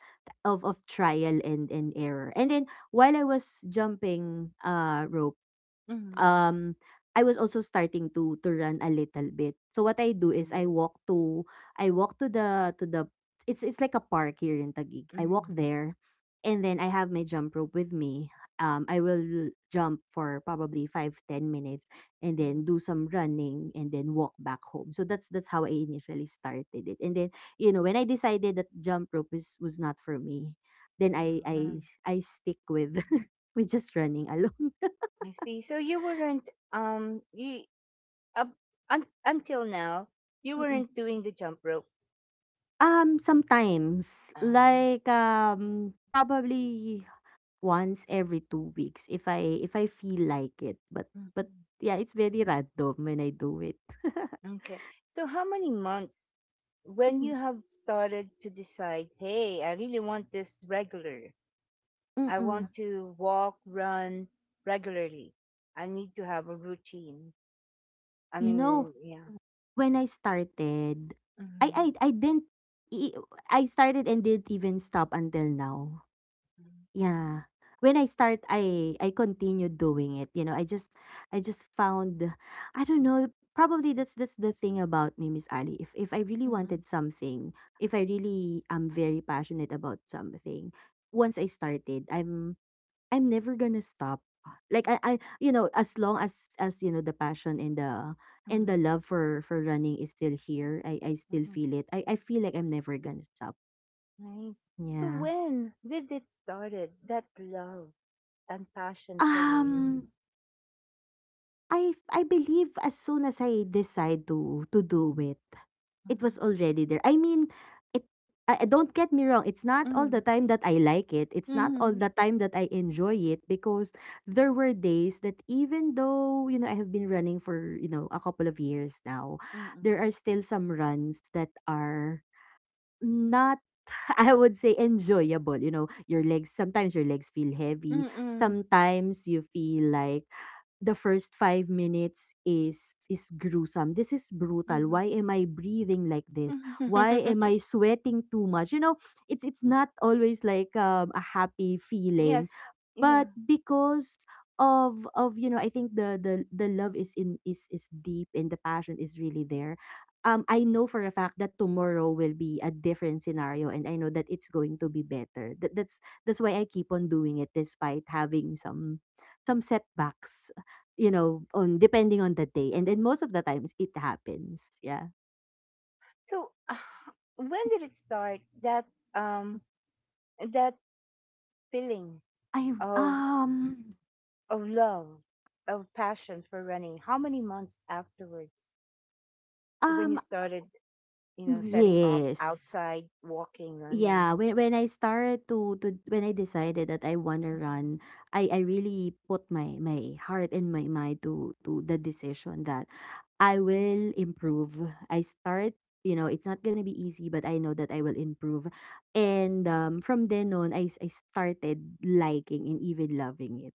Speaker 2: of of trial and and error. And then while I was jumping uh rope,
Speaker 1: mm, mm.
Speaker 2: um I was also starting to to run a little bit. So what I do is I
Speaker 1: Nice.
Speaker 2: walk to I walk to the to the it's it's like a park here in Taguig.
Speaker 1: Mm,
Speaker 2: I walk
Speaker 1: mm,
Speaker 2: there, and then I have my jump rope with me. Um I will jump for probably five ten minutes, and then do some running, and then walk back home. So that's that's how I initially started it. And then, you know, when I decided that jump rope is was not for me, then I I
Speaker 1: mm.
Speaker 2: I stick with with just running alone.
Speaker 1: I see. So you weren't, um you up un, until now, you weren't doing the jump rope.
Speaker 2: Um, sometimes,
Speaker 1: Um,
Speaker 2: like, um, probably once every two weeks if I if I feel like it, but but
Speaker 1: mhm.
Speaker 2: yeah, it's very random when I do it.
Speaker 1: Okay. So how many months when
Speaker 2: Mm-mm,
Speaker 1: you have started to decide, hey, I really want this regular. I
Speaker 2: mm-mm.
Speaker 1: want to walk, run regularly. I need to have a routine. I
Speaker 2: You know,
Speaker 1: mean, yeah.
Speaker 2: when I started, I I I didn't i- I started and didn't even stop until now.
Speaker 1: Mm-hmm.
Speaker 2: Yeah. When I start, I I continue doing it. You know, I just I just found I don't know, probably that's that's the thing about me, Miss Ali. If if I really wanted something, if I really am very passionate about something, once I started, I'm I'm never gonna stop. Like I, I you know, as long as as you know the passion and the and the love for for running is still here, I I still feel it. I I feel like I'm never gonna stop.
Speaker 1: Nice. So
Speaker 2: Yeah.
Speaker 1: when did it started that love and passion for running?
Speaker 2: Um I I believe as soon as I decide to to do it, it was
Speaker 1: Mm.
Speaker 2: already there. I mean, it I I- don't get me wrong, it's not all the
Speaker 1: Mm.
Speaker 2: time that I like it. It's not all
Speaker 1: Mm.
Speaker 2: the time that I enjoy it, because there were days that even though, you know, I have been running for, you know, a couple of years now,
Speaker 1: Mm.
Speaker 2: there are still some runs that are not I would say enjoyable. You know, your legs sometimes your legs feel heavy,
Speaker 1: Mm.
Speaker 2: sometimes you feel like the first five minutes is is gruesome. This is brutal.
Speaker 1: Mm.
Speaker 2: Why am I breathing like this? Why am
Speaker 1: Mm.
Speaker 2: I sweating too much? You know, it's it's not always like um, a happy
Speaker 1: Yes.
Speaker 2: feeling,
Speaker 1: Yeah.
Speaker 2: but because of of you know I think the the the love is in is is deep, and the passion is really there. um I know for a fact that tomorrow will be a different scenario, and I know that it's going to be better. That, that's that's why I keep on doing it despite having some some setbacks, you know, on depending on the day, and then most of the times it happens. Yeah.
Speaker 1: So uh, when did it start that, um that feeling
Speaker 2: I
Speaker 1: of
Speaker 2: um
Speaker 1: of love, of passion for running? How many months afterwards when you
Speaker 2: um
Speaker 1: started, you know, setting off
Speaker 2: yes
Speaker 1: outside walking,
Speaker 2: Yeah,
Speaker 1: running?
Speaker 2: when when I started to to when I decided that I wanna run, I I really put my my heart and my mind to to the decision that I will improve. I start, you know, it's not gonna be easy, but I know that I will improve. And um, from then on, I, s- I started liking and even loving it.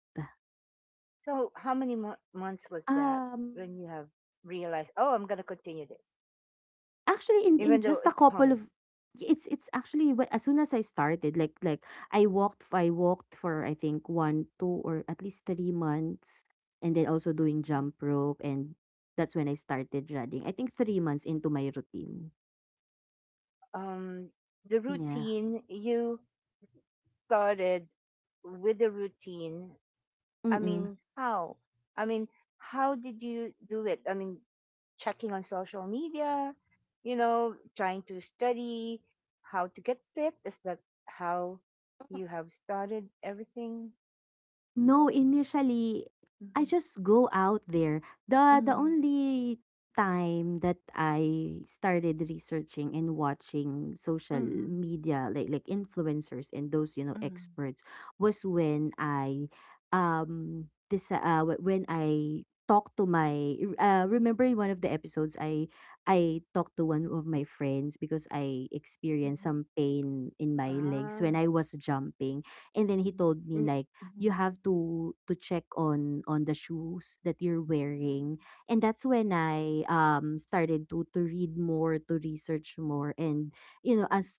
Speaker 1: So how many mo- months was that
Speaker 2: Um,
Speaker 1: when you have realized, oh, I'm going to continue this,
Speaker 2: Actually, in in
Speaker 1: even though
Speaker 2: just a
Speaker 1: it's
Speaker 2: couple
Speaker 1: hard?
Speaker 2: of it's it's actually whe as soon as I started, like like I walked I walked for I think one two or at least three months, and then also doing jump rope, and that's when I started running. I think three months into my routine.
Speaker 1: Um, the
Speaker 2: Yeah,
Speaker 1: routine you started with, the routine. I
Speaker 2: mm.
Speaker 1: mean, how? I mean, how did you do it? I mean, checking on social media, you know, trying to study how to get fit. Is that how you have started everything?
Speaker 2: No, initially, I
Speaker 1: Mm-hmm.
Speaker 2: just go out there. The the
Speaker 1: Mm-hmm.
Speaker 2: only time that I started researching and watching social
Speaker 1: Mm-hmm.
Speaker 2: media, like like influencers and those, you know, experts, was when I um this uh wh- when I talked to my r- uh remember, in one of the episodes, I I talked to one of my friends because I experienced some pain in my legs
Speaker 1: Mm-hmm.
Speaker 2: when I was jumping. And then he told me,
Speaker 1: Mm,
Speaker 2: like, you
Speaker 1: mhm.
Speaker 2: have to to check on on the shoes that you're wearing.
Speaker 1: Mm.
Speaker 2: And that's when I um started to to read more, to research more. And, you know, as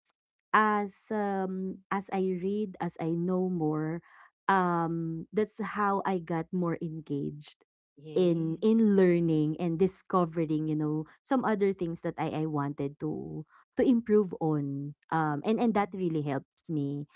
Speaker 2: as um as I read, as I know more, um that's how I got more engaged
Speaker 1: Yeah.
Speaker 2: in in learning and discovering, you know, some other things that i i wanted to to improve on. Um and and that
Speaker 1: Nice,
Speaker 2: really helps me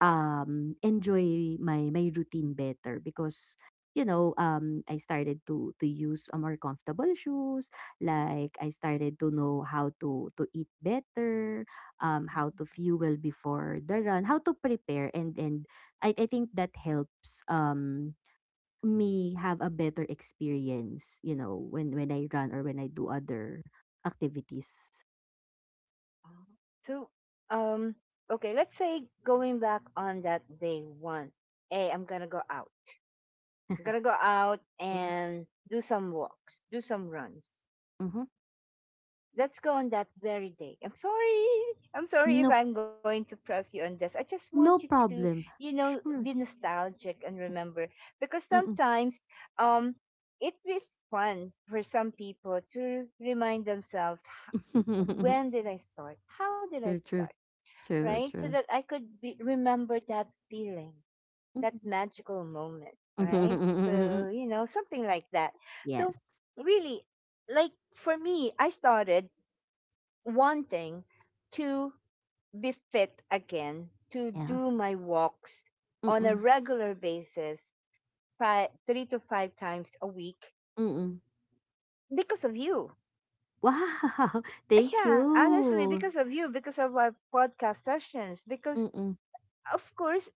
Speaker 2: um, enjoy my my routine better. Because, you know um, I started to to use a more comfortable shoes. Like, I started to know how to to eat better, um, how to
Speaker 1: mhm.
Speaker 2: fuel before the run, how to prepare, and and I I think that helps um me have a better experience. You know, when when I run, or when I do other activities.
Speaker 1: Ah, so, um, okay, let's say going back on that day one, hey, I'm gonna go out. I'm gonna go out
Speaker 2: Mhm.
Speaker 1: and do some walks, do some runs.
Speaker 2: Mm-hmm.
Speaker 1: Let's go on that very day. I'm sorry. I'm sorry if
Speaker 2: No,
Speaker 1: I'm going to press you on this. I just want you
Speaker 2: no
Speaker 1: to, you
Speaker 2: problem.
Speaker 1: know, be
Speaker 2: Sure.
Speaker 1: nostalgic and remember because sometimes, um it is fun for some people to remind themselves, "H-
Speaker 2: True,
Speaker 1: When did I start? How did I
Speaker 2: true,
Speaker 1: start?"
Speaker 2: true,
Speaker 1: Right? So
Speaker 2: true.
Speaker 1: that I could be, remember that feeling, that magical moment, right?
Speaker 2: Mhm.
Speaker 1: So, you know, something like that. So,
Speaker 2: Yes.
Speaker 1: really, like for me, I started wanting to be fit again, to
Speaker 2: Yeah.
Speaker 1: do my walks on a
Speaker 2: Mm-mm.
Speaker 1: regular basis, five, three to five times a week
Speaker 2: Mm-mm.
Speaker 1: because of you.
Speaker 2: Wow. Thank
Speaker 1: Yeah, honestly,
Speaker 2: you.
Speaker 1: because of you, because of our podcast sessions, because
Speaker 2: Mm-mm.
Speaker 1: of course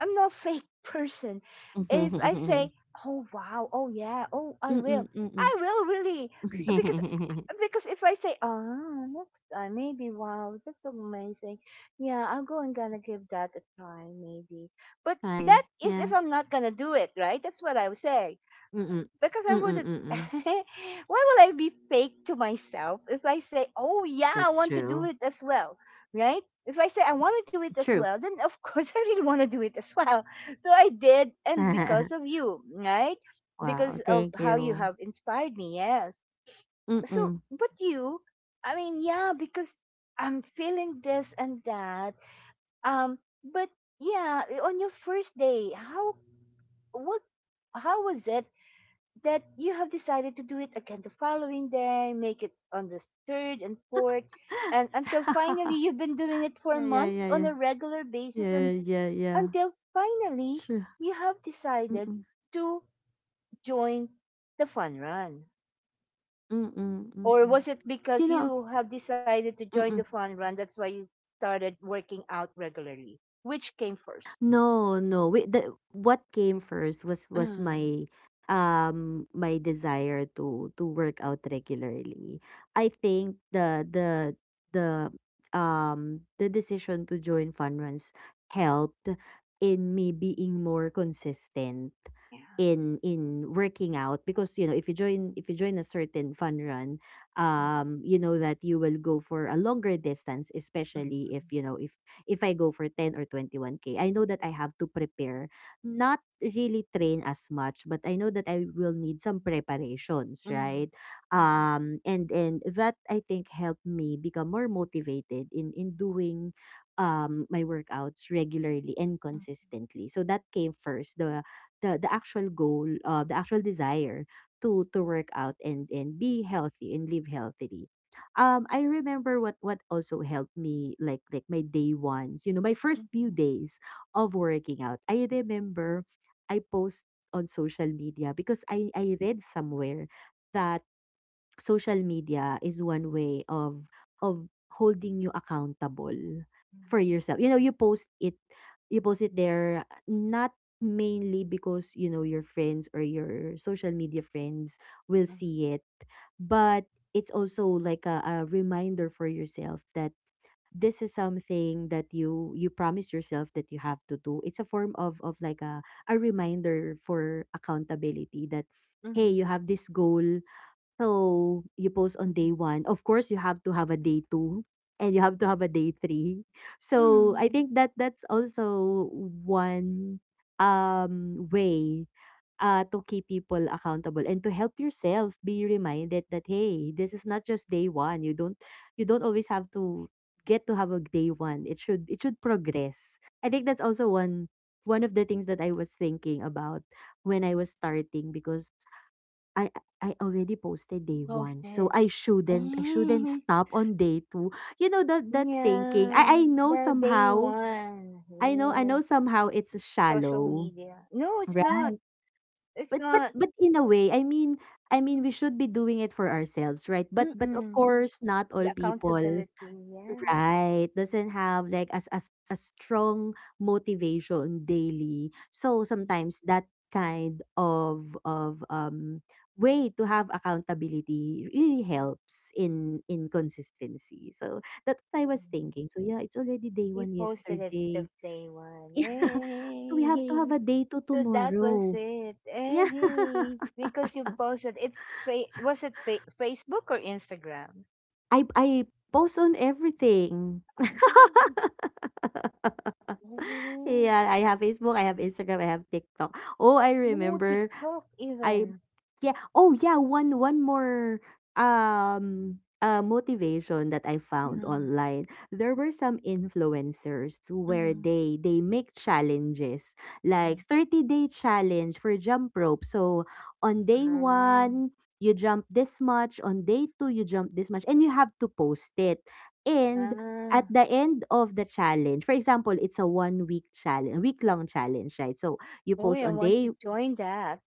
Speaker 1: I'm not fake person. If I
Speaker 2: Mm-mm.
Speaker 1: say, "Oh wow, oh yeah, oh I will," I
Speaker 2: Mm-mm.
Speaker 1: will really, because because if I say, "Oh, next time, maybe wow, that's so amazing," yeah, I'll go and gonna give that a try, maybe. But
Speaker 2: Hi.
Speaker 1: that
Speaker 2: Yeah.
Speaker 1: is if I'm not gonna do it, right? That's what I would say
Speaker 2: Mm-mm.
Speaker 1: because
Speaker 2: Mm-mm.
Speaker 1: I wouldn't.
Speaker 2: Mm-mm.
Speaker 1: Why would I be fake to myself if I say, "Oh yeah,
Speaker 2: That's
Speaker 1: I want to
Speaker 2: true.
Speaker 1: do it as well," right? If I say I want to do it
Speaker 2: True.
Speaker 1: as well, then of course I really want to do it as well. So I did, and because of you, right?
Speaker 2: Wow.
Speaker 1: Because of
Speaker 2: Thank
Speaker 1: how you
Speaker 2: you.
Speaker 1: have inspired me, yes. So,
Speaker 2: Mm-mm.
Speaker 1: but you, I mean, yeah, because I'm feeling this and that. Um, but yeah, on your first day, how, what how was it that you have decided to do it again the following day, make it on the third and fourth, and until finally you've been doing it for
Speaker 2: Yeah, yeah,
Speaker 1: months
Speaker 2: yeah,
Speaker 1: on
Speaker 2: yeah.
Speaker 1: a regular basis,
Speaker 2: Yeah,
Speaker 1: and
Speaker 2: yeah, yeah.
Speaker 1: until finally
Speaker 2: True.
Speaker 1: you have decided
Speaker 2: Mm-mm.
Speaker 1: to join the fun run.
Speaker 2: Mm-mm.
Speaker 1: Or
Speaker 2: Mm-mm.
Speaker 1: was it
Speaker 2: You
Speaker 1: because
Speaker 2: know,
Speaker 1: you have decided to join the
Speaker 2: mm-mm.
Speaker 1: fun run? That's why you started working out regularly. Which came first?
Speaker 2: No, no. We, the, what came first was was
Speaker 1: Mm,
Speaker 2: my um my desire to to work out regularly. I think the the the um the decision to join fun runs helped in me being more consistent
Speaker 1: yeah.
Speaker 2: in in working out. Because, you know, if you join, if you join a certain fun run,
Speaker 1: Mhm,
Speaker 2: um you know that you will go for a longer distance, especially if
Speaker 1: mhm,
Speaker 2: you know if if I go for ten or twenty-one K, I know that I have to prepare, not really train as much, but I know that I will need some preparations,
Speaker 1: mhm,
Speaker 2: right? Um, and and that, I think, helped me become more motivated in in doing um my workouts regularly and consistently. So that came first, the the the actual goal, uh, the actual desire to to work out and and be healthy and live healthily. um I remember what what also helped me, like like my day ones, you know, my first few
Speaker 1: mhm,
Speaker 2: days of working out. I remember I post on social media, because I I read somewhere that social media is one way of of holding you accountable for
Speaker 1: mhm,
Speaker 2: yourself. You know, you post it you post it there, not mainly because, you know, your friends or your social media friends will
Speaker 1: mhm, mhm,
Speaker 2: see it, but it's also like a, a reminder for yourself that this is something that you you promise yourself that you have to do. It's a form of of like a a reminder for accountability. That, hey, you
Speaker 1: mhm,
Speaker 2: have this goal, so you post on day
Speaker 1: mhm.
Speaker 2: one. Of course, you have to have a day two, and you have to have a day three. So I
Speaker 1: Hmm,
Speaker 2: think that that's also one um way uh to keep people accountable and to help yourself be reminded that, hey, this is not just day one. You don't you don't always have to get to have a day one. It should it should progress. I think that's also one one of the things that I was thinking about when I was starting, because I I already posted day one, so
Speaker 1: ghosted.
Speaker 2: I shouldn't I shouldn't
Speaker 1: Eh,
Speaker 2: stop on day two. You know, that that thinking.
Speaker 1: yeah,
Speaker 2: I I know
Speaker 1: the day
Speaker 2: somehow
Speaker 1: one.
Speaker 2: I know I
Speaker 1: Yes,
Speaker 2: know somehow it's
Speaker 1: social
Speaker 2: shallow,
Speaker 1: media. No, it's
Speaker 2: right?
Speaker 1: not. It's
Speaker 2: But but
Speaker 1: not.
Speaker 2: but in a way, I mean I mean we should be doing it for ourselves, right? But but of
Speaker 1: Mm-mm.
Speaker 2: course, not all
Speaker 1: The
Speaker 2: people
Speaker 1: accountability. Yeah.
Speaker 2: right, doesn't have like as as a strong motivation daily. So sometimes that kind of of um way to have accountability really helps in in consistency. So that's what I was
Speaker 1: Mm.
Speaker 2: thinking. So yeah, it's already day
Speaker 1: We
Speaker 2: one
Speaker 1: posted it the
Speaker 2: yesterday.
Speaker 1: day one.
Speaker 2: Yeah. So we have to have
Speaker 1: Hey,
Speaker 2: a day two
Speaker 1: so that was
Speaker 2: tomorrow.
Speaker 1: it.
Speaker 2: Yeah.
Speaker 1: Hey, because you posted. It's fa- was it fa- Facebook or Instagram?
Speaker 2: I I post on everything.
Speaker 1: Oh, oh,
Speaker 2: Yeah, I have Facebook, I have Instagram, I have TikTok. Oh, I
Speaker 1: oh,
Speaker 2: remember
Speaker 1: TikTok
Speaker 2: I
Speaker 1: even.
Speaker 2: yeah. Oh yeah, one one more um uh motivation that I found
Speaker 1: Mm-hmm.
Speaker 2: online. There were some influencers where
Speaker 1: Mm-hmm.
Speaker 2: they they make challenges, like
Speaker 1: Mhm.
Speaker 2: thirty-day challenge for jump rope. So on day
Speaker 1: Um,
Speaker 2: one, you jump this much, on day two you jump this much, and you have to post it. And at
Speaker 1: ah.
Speaker 2: the end of the challenge, for example, it's a one week challenge, week long challenge, right? So you
Speaker 1: Oh,
Speaker 2: post
Speaker 1: I
Speaker 2: on
Speaker 1: want
Speaker 2: day
Speaker 1: to join that.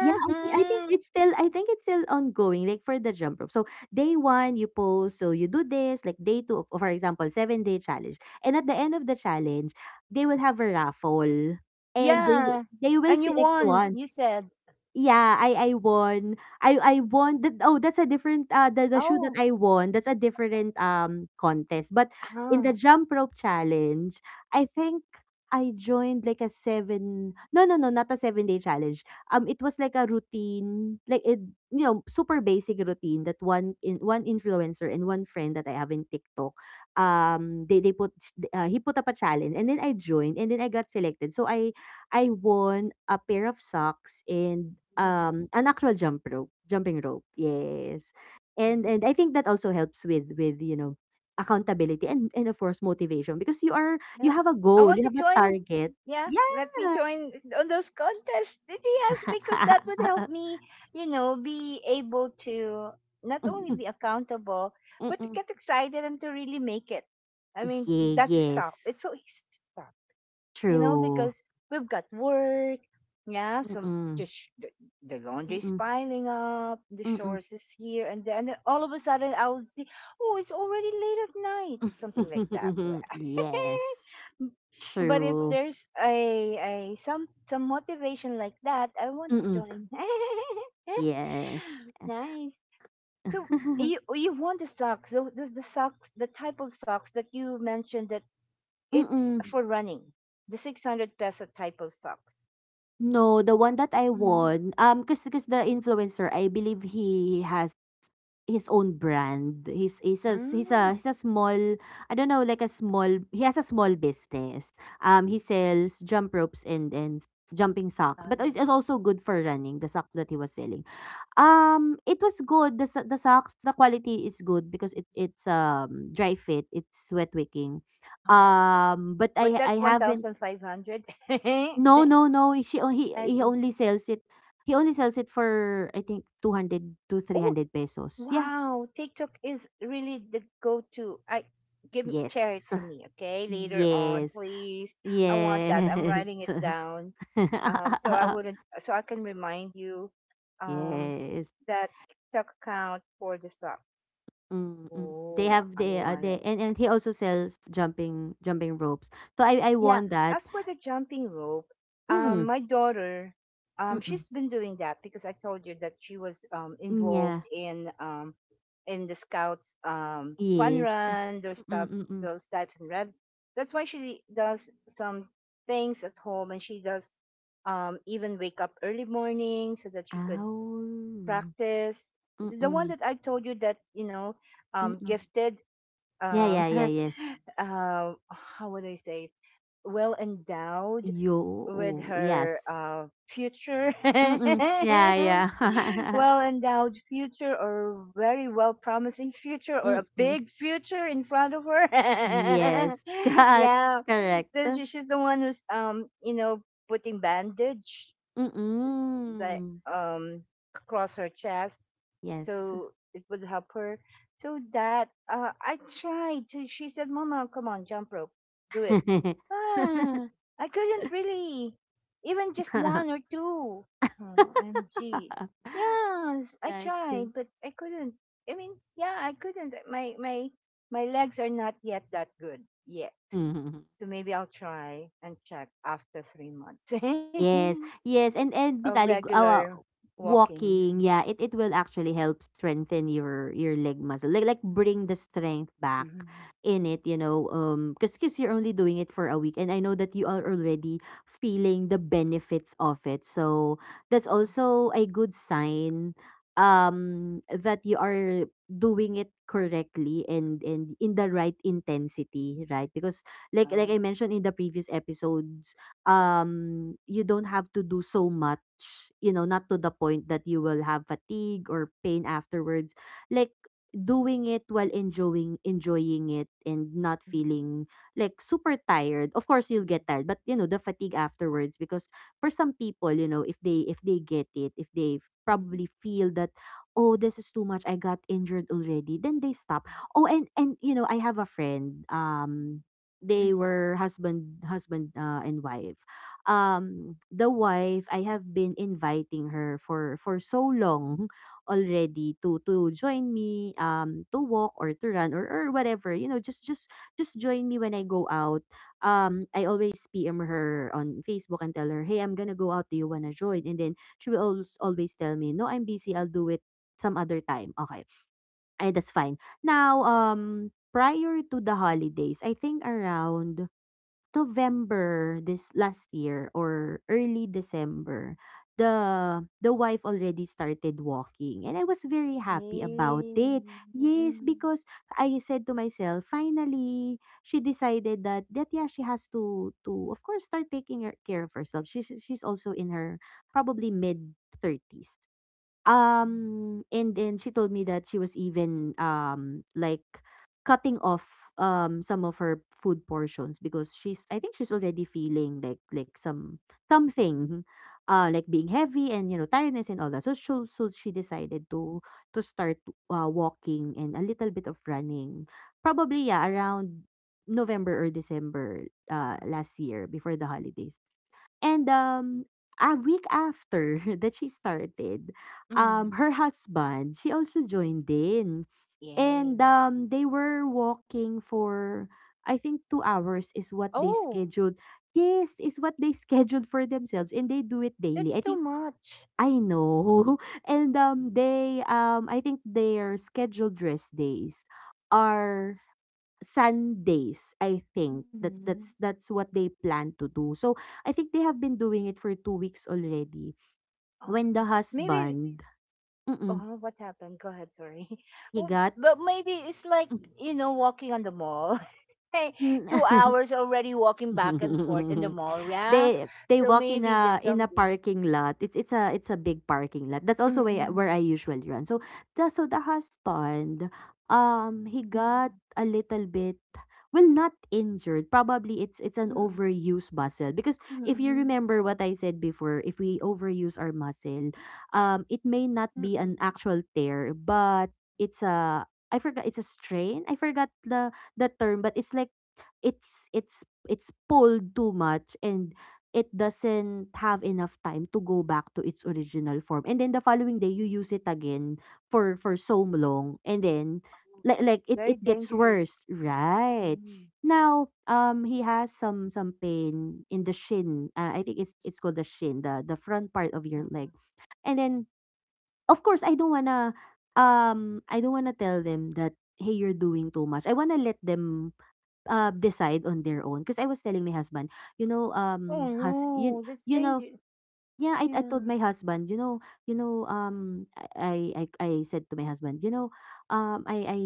Speaker 2: yeah, I think I think it's still I think it's still ongoing, like for the jump rope. So day one you post, so you do this, like day two, for example, seven day challenge. And at the end of the challenge, they will have a raffle and they w-
Speaker 1: Yeah.
Speaker 2: they will
Speaker 1: And you
Speaker 2: select
Speaker 1: won.
Speaker 2: one.
Speaker 1: You said,
Speaker 2: Yeah, I I won. I I won that. Oh, that's a different, uh the, the shoe that
Speaker 1: oh,
Speaker 2: I won. That's a different um contest. But in the
Speaker 1: ah,
Speaker 2: jump rope challenge, I think I joined like a seven no no no not a seven day challenge. Um it was like a routine, like, it, you know, super basic routine that one in one influencer and one friend that I have in TikTok, um they they put uh, he put up a challenge, and then I joined, and then I got selected. So I I won a pair of socks and
Speaker 1: oh,
Speaker 2: um an actual jump rope, jumping rope. Yes. And
Speaker 1: yeah,
Speaker 2: and I think that also helps with, with you know, accountability and, and of course, motivation, because you are you
Speaker 1: yeah.
Speaker 2: have a
Speaker 1: I
Speaker 2: goal, you
Speaker 1: want to
Speaker 2: have a
Speaker 1: join.
Speaker 2: target.
Speaker 1: Yeah, let me
Speaker 2: Yeah.
Speaker 1: join on those contests. Yes, because that would help me, you know, be able to not only
Speaker 2: Mm-mm,
Speaker 1: be accountable, but to
Speaker 2: mm-mm.
Speaker 1: get excited and to really make it. I mean,
Speaker 2: Yeah,
Speaker 1: not to stop. It's
Speaker 2: yes.
Speaker 1: so easy to stop. You know,
Speaker 2: True.
Speaker 1: because we've got work. Yeah, so
Speaker 2: Mm-mm,
Speaker 1: the, sh- the the laundry's
Speaker 2: mm-mm,
Speaker 1: piling up, the
Speaker 2: mm-mm.
Speaker 1: chores is here, and then and then all of a sudden I would see, oh, it's already late at night, something like that.
Speaker 2: Yes.
Speaker 1: But if
Speaker 2: True.
Speaker 1: there's a, a some some motivation like that, I want to
Speaker 2: Mm-mm.
Speaker 1: join.
Speaker 2: Yes.
Speaker 1: Nice. So you you want the socks? tho- Does the socks the type of socks that you mentioned, that it's
Speaker 2: Mm-mm.
Speaker 1: for running. The six hundred peso typo socks.
Speaker 2: No, the one that I
Speaker 1: Mm.
Speaker 2: won, um, cause cause the influencer, I believe he has his own brand. He's he's a he's a
Speaker 1: Mm.
Speaker 2: he's a small, I don't know, like a small. He has a small business. Um, he sells jump ropes and and jumping socks,
Speaker 1: Ah,
Speaker 2: but it's, it's also good for running. The socks that he was selling, um, it was good. The so- the socks, the quality is good because it's it's um dry fit. It's sweat wicking.
Speaker 1: ah.
Speaker 2: Um, but
Speaker 1: But
Speaker 2: I
Speaker 1: that's
Speaker 2: I haven't.
Speaker 1: one thousand five hundred. I
Speaker 2: No, no, no, she o he he
Speaker 1: see.
Speaker 2: only sells it, he only sells it for, I think, two hundred to
Speaker 1: Oh,
Speaker 2: three hundred pesos. Yeah.
Speaker 1: wow. TikTok is really the go to. I give share it
Speaker 2: Yes.
Speaker 1: to me, okay? Later on,
Speaker 2: Yes.
Speaker 1: please. I want that. I'm
Speaker 2: Yes.
Speaker 1: writing it down. Um, so I wouldn't so I can remind you, um
Speaker 2: Yes.
Speaker 1: that TikTok account for the sock.
Speaker 2: Mm, mm. They
Speaker 1: Oh,
Speaker 2: have
Speaker 1: I
Speaker 2: they, uh,
Speaker 1: want
Speaker 2: they
Speaker 1: it.
Speaker 2: and and he also sells jumping jumping ropes. So I I
Speaker 1: Yeah.
Speaker 2: won that.
Speaker 1: As for the jumping rope, um,
Speaker 2: Mm,
Speaker 1: my daughter,
Speaker 2: mm,
Speaker 1: um,
Speaker 2: mm.
Speaker 1: she's been doing that because I told you that she was um,
Speaker 2: Yeah.
Speaker 1: involved in um, in the scouts um, fun
Speaker 2: Yes.
Speaker 1: run, those
Speaker 2: Mm,
Speaker 1: stuff,
Speaker 2: mm, mm, mm.
Speaker 1: those types and red. That's why she does some things at home, and she does um, even wake up early morning so that she could
Speaker 2: Ow.
Speaker 1: practice.
Speaker 2: Mm,
Speaker 1: The the one
Speaker 2: mm,
Speaker 1: that I told you that you know,
Speaker 2: mm,
Speaker 1: um,
Speaker 2: mm.
Speaker 1: gifted
Speaker 2: Yeah,
Speaker 1: um,
Speaker 2: yeah, yeah, yes.
Speaker 1: uh, how would I say, well endowed
Speaker 2: Yo,
Speaker 1: with
Speaker 2: oh, yes.
Speaker 1: her uh, future,
Speaker 2: Mm. Yeah, yeah.
Speaker 1: well endowed future, or very well promising future, or a
Speaker 2: Mm.
Speaker 1: big future in front of her.
Speaker 2: Yes. Got
Speaker 1: Yeah,
Speaker 2: correct.
Speaker 1: this, she's the one who's um, you know, putting bandage like
Speaker 2: Mm.
Speaker 1: um across her chest
Speaker 2: Yes.
Speaker 1: so it would help her so that uh, I tried. So she said, "Mama, come on, jump rope, do it." ah, I couldn't really, even just one or two. two oh, mg yes, I
Speaker 2: Yeah, it's
Speaker 1: tried
Speaker 2: the.
Speaker 1: but I couldn't. I mean yeah, I couldn't. Uh, my my my legs are not yet that good yet, so maybe I'll try and check after three months
Speaker 2: Yes, yes, and and
Speaker 1: of
Speaker 2: bisali,
Speaker 1: regular
Speaker 2: uh,
Speaker 1: walking. Yeah.
Speaker 2: walking, yeah, it it will actually help strengthen your your leg muscle, like, like bring the strength back
Speaker 1: Mhm.
Speaker 2: in it, you know, um, because because you're only doing it for a week, and I know that you are already feeling the benefits of it, so that's
Speaker 1: Mhm.
Speaker 2: also a good sign, um, that you are doing it correctly and and in the right intensity, right? Because, like like
Speaker 1: Ah.
Speaker 2: I mentioned in the previous episodes, um, you don't have to do so much, you know, not to the point that you will have fatigue or pain afterwards. Like, doing it while enjoying enjoying it and not
Speaker 1: Mm,
Speaker 2: feeling like super tired. Of course you'll get tired, but, you know, the fatigue afterwards, because for some people, you know, if they if they get it, if they f-
Speaker 1: mm,
Speaker 2: probably feel that, oh, this is too much, I got injured already, then they stop. Oh, and, and you know, I have a friend, um,
Speaker 1: mm,
Speaker 2: they
Speaker 1: mm.
Speaker 2: were husband, husband uh, and wife. Um, the wife I have been inviting her for, for so long already to, to join me, um, to walk or to run, or or whatever, you know, just just just join me when I go out. Um, I always PM her on Facebook and tell her, hey, I'm gonna go out, do you wanna join? And then she will always always tell me, no, I'm busy, I'll do it some other time. Okay. Ay, that's fine. Now, um, prior to the holidays, I think around November this last year or early December, the the wife already started walking, and I was very happy about it.
Speaker 1: Yay.
Speaker 2: Yes,
Speaker 1: Mm,
Speaker 2: because I said to myself, finally she decided that that yeah, she has to, to of course, start taking her, care of herself. She's she's also in her probably mid thirties.
Speaker 1: mm, mm,
Speaker 2: Um, and then she told me that she was even, um, like cutting off, um, some of her food portions because she's, I think she's already feeling like, like some something, uh, like being heavy, and, you know, tiredness and all that. So, she so she decided to, to start, uh, walking and a little bit of running. Probably, yeah, around November or December, uh, last year before the holidays. And, um, a week after that she started, um, her
Speaker 1: mm.
Speaker 2: husband, she also joined in. And,
Speaker 1: Yay.
Speaker 2: um, they were walking for, I think, two hours is what they
Speaker 1: Oh,
Speaker 2: scheduled. Yes, is what they scheduled for themselves. And they do it daily, I think.
Speaker 1: that's too much.
Speaker 2: I know. And, um, they, um, I think their scheduled rest days are Sundays, I think. That's
Speaker 1: Mm.
Speaker 2: that's that's what they plan to do. So, I think they have been doing it for two weeks already. When
Speaker 1: Oh,
Speaker 2: the
Speaker 1: maybe.
Speaker 2: husband, mm,
Speaker 1: Oh, what happened? Go ahead. Sorry.
Speaker 2: he
Speaker 1: Oh,
Speaker 2: got.
Speaker 1: but maybe it's like, you know, walking on the mall. Hey, two hours already walking back and forth in the mall. Yeah.
Speaker 2: They they
Speaker 1: So
Speaker 2: walk in
Speaker 1: maybe
Speaker 2: a,
Speaker 1: there's
Speaker 2: in a
Speaker 1: something.
Speaker 2: parking lot. It's, it's a it's a big parking lot. That's also where I- where
Speaker 1: Mm-mm,
Speaker 2: I usually run. So the so the husband, um, he
Speaker 1: mm-mm,
Speaker 2: got a little bit, well, not injured. Probably it's, it's an
Speaker 1: mm-mm,
Speaker 2: overuse muscle, because if you
Speaker 1: mm-mm,
Speaker 2: remember what I said before, if we overuse our muscle, um, it may not be an
Speaker 1: mm-mm.
Speaker 2: actual tear, but it's a, I forgot, it's a strain. I forgot the the
Speaker 1: Mm-mm.
Speaker 2: term, but it's like it's it's it's pulled too much, and it doesn't have enough time to go back to its original form. And then the following day you use it again for, for so long, and then,
Speaker 1: Oh,
Speaker 2: like like
Speaker 1: that's
Speaker 2: it it
Speaker 1: very
Speaker 2: gets worse,
Speaker 1: dangerous.
Speaker 2: right?
Speaker 1: Mm,
Speaker 2: Now, um, he has some, some pain in the shin. Uh, I think it's, it's called the shin, the, the front part of your
Speaker 1: tama.
Speaker 2: leg. And then, of course, I don't want to, um I don't want to tell them that, hey, you're doing too much. I want to let them, uh, decide on their own. Because I was telling my husband, you know,
Speaker 1: Oh,
Speaker 2: um,
Speaker 1: no,
Speaker 2: hus-
Speaker 1: that's
Speaker 2: you, you
Speaker 1: dangerous.
Speaker 2: know, yeah, I,
Speaker 1: Yeah,
Speaker 2: I told my husband, you know, you know, um, I, I, I I said to my husband, you know, um, I, I,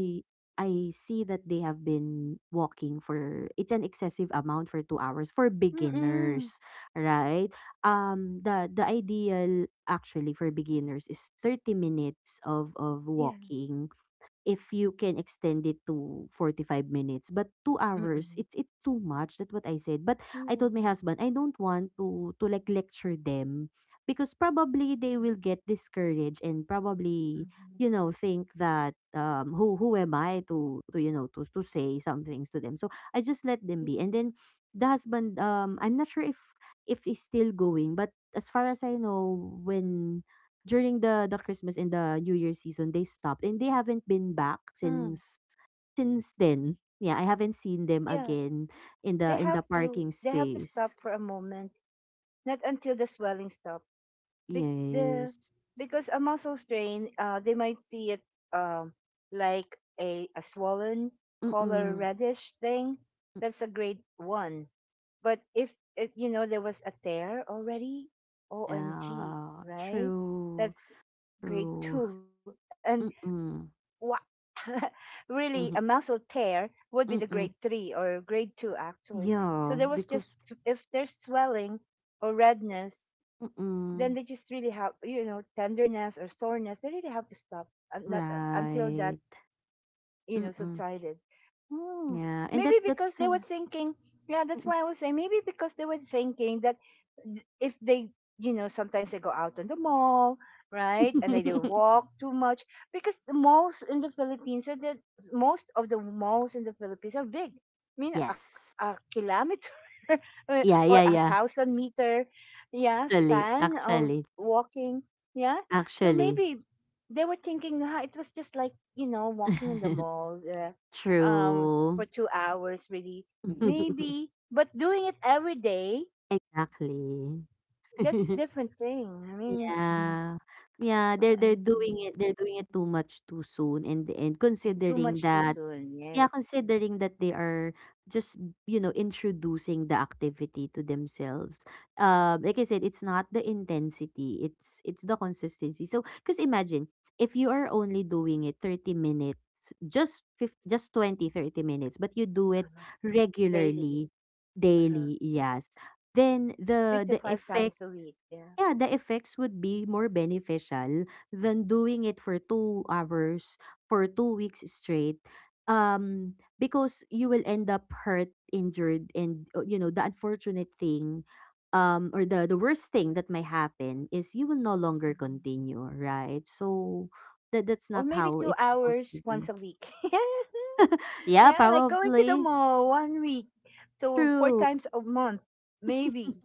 Speaker 2: I see that they have been walking for, it's an excessive amount, for two hours for
Speaker 1: mm, mm.
Speaker 2: beginners, right? Um, the the ideal actually for beginners is thirty minutes of of
Speaker 1: Yeah,
Speaker 2: walking. If you can extend it to forty-five minutes, but two
Speaker 1: mm, mm.
Speaker 2: hours, it's, it's too much. That's what I said, but I told
Speaker 1: Yeah,
Speaker 2: my husband, I don't want to, to like, lecture them, because probably they will get discouraged and probably, you
Speaker 1: mhm.
Speaker 2: know, think that, um, who who am I to, to you know, to to say some things to them. So I just let them
Speaker 1: Yeah,
Speaker 2: be. And then the husband, um, I'm not sure if, if he's still going, but as far as I know, when during the, the Christmas and the New Year season, they stopped, and they haven't been back
Speaker 1: mm,
Speaker 2: since, since then. Yeah, I haven't seen them
Speaker 1: yeah.
Speaker 2: again in the,
Speaker 1: They
Speaker 2: in
Speaker 1: have
Speaker 2: the
Speaker 1: to,
Speaker 2: parking
Speaker 1: they have to
Speaker 2: space.
Speaker 1: stop for a moment, not until the swelling stops. Be- the,
Speaker 2: Yes.
Speaker 1: because a muscle strain, uh, they might see it um like a, a swollen
Speaker 2: Mm-mm.
Speaker 1: color
Speaker 2: Mm-.
Speaker 1: reddish thing. That's a grade one. But if, if you know there was a tear already, O M G,
Speaker 2: Yeah,
Speaker 1: right?
Speaker 2: true.
Speaker 1: That's grade
Speaker 2: True.
Speaker 1: two. And
Speaker 2: Mm-mm.
Speaker 1: what? Really, a
Speaker 2: Mm-hmm.
Speaker 1: muscle tear would be the grade
Speaker 2: Mm-mm.
Speaker 1: three or grade two actually. So there
Speaker 2: Yeah,
Speaker 1: was
Speaker 2: because
Speaker 1: just, if there's swelling or redness, then they
Speaker 2: mm-mm.
Speaker 1: just really have, you know, tenderness or soreness, they really have to stop and not uh, until that,
Speaker 2: Right.
Speaker 1: you know,
Speaker 2: Mm-mm.
Speaker 1: subsided. Hmm.
Speaker 2: Yeah, and
Speaker 1: Maybe
Speaker 2: that
Speaker 1: because
Speaker 2: that's.
Speaker 1: they were thinking, yeah, that's why I was saying, maybe because they were thinking that th- if they, you know, sometimes they go out on the mall, right? And they, they walk too much because the malls in the Philippines, are the, most of the malls in the Philippines are big. I mean, a,
Speaker 2: Yes.
Speaker 1: a kilometer uh, or
Speaker 2: Yeah,
Speaker 1: a
Speaker 2: yeah, yeah.
Speaker 1: thousand meter, yeah,
Speaker 2: Actually,
Speaker 1: span of
Speaker 2: actually.
Speaker 1: walking, yeah. So
Speaker 2: Actually.
Speaker 1: maybe they were thinking, ah, it was just like, you know, walking in the mall uh, um,
Speaker 2: True.
Speaker 1: for two hours really, maybe. But doing it every day,
Speaker 2: Exactly.
Speaker 1: that's different thing. I mean,
Speaker 2: Yeah. Yeah, they're
Speaker 1: oh,
Speaker 2: they're
Speaker 1: and
Speaker 2: doing it, they're doing it too much, too soon, in the end,
Speaker 1: and too
Speaker 2: considering
Speaker 1: much too
Speaker 2: that.
Speaker 1: soon.
Speaker 2: Yeah,
Speaker 1: Yes,
Speaker 2: considering that they are just, you know, introducing the activity to themselves. Um, like I said, it's not the intensity, it's, it's the consistency. So, because imagine if you are only doing it thirty minutes, just fif- just twenty, thirty minutes, but you do it
Speaker 1: uh, daily,
Speaker 2: regularly,
Speaker 1: uh,
Speaker 2: daily, yes. Then
Speaker 1: three
Speaker 2: the,
Speaker 1: to
Speaker 2: the
Speaker 1: five
Speaker 2: effect.
Speaker 1: times a week. Yeah.
Speaker 2: Yeah, the effects would be more beneficial than doing it for two hours, for two weeks straight, um, because you will end up hurt, injured, and, uh, you know, the unfortunate thing, um, or the, the worst thing that might happen is you will no longer
Speaker 1: Mhm.
Speaker 2: continue, right? So, that, that's
Speaker 1: Or
Speaker 2: not
Speaker 1: maybe
Speaker 2: how
Speaker 1: two
Speaker 2: it's supposed
Speaker 1: hours
Speaker 2: to
Speaker 1: once a
Speaker 2: be.
Speaker 1: week.
Speaker 2: Yeah,
Speaker 1: Yeah, like going to the
Speaker 2: probably.
Speaker 1: mall one week, so four
Speaker 2: True.
Speaker 1: times a month, maybe,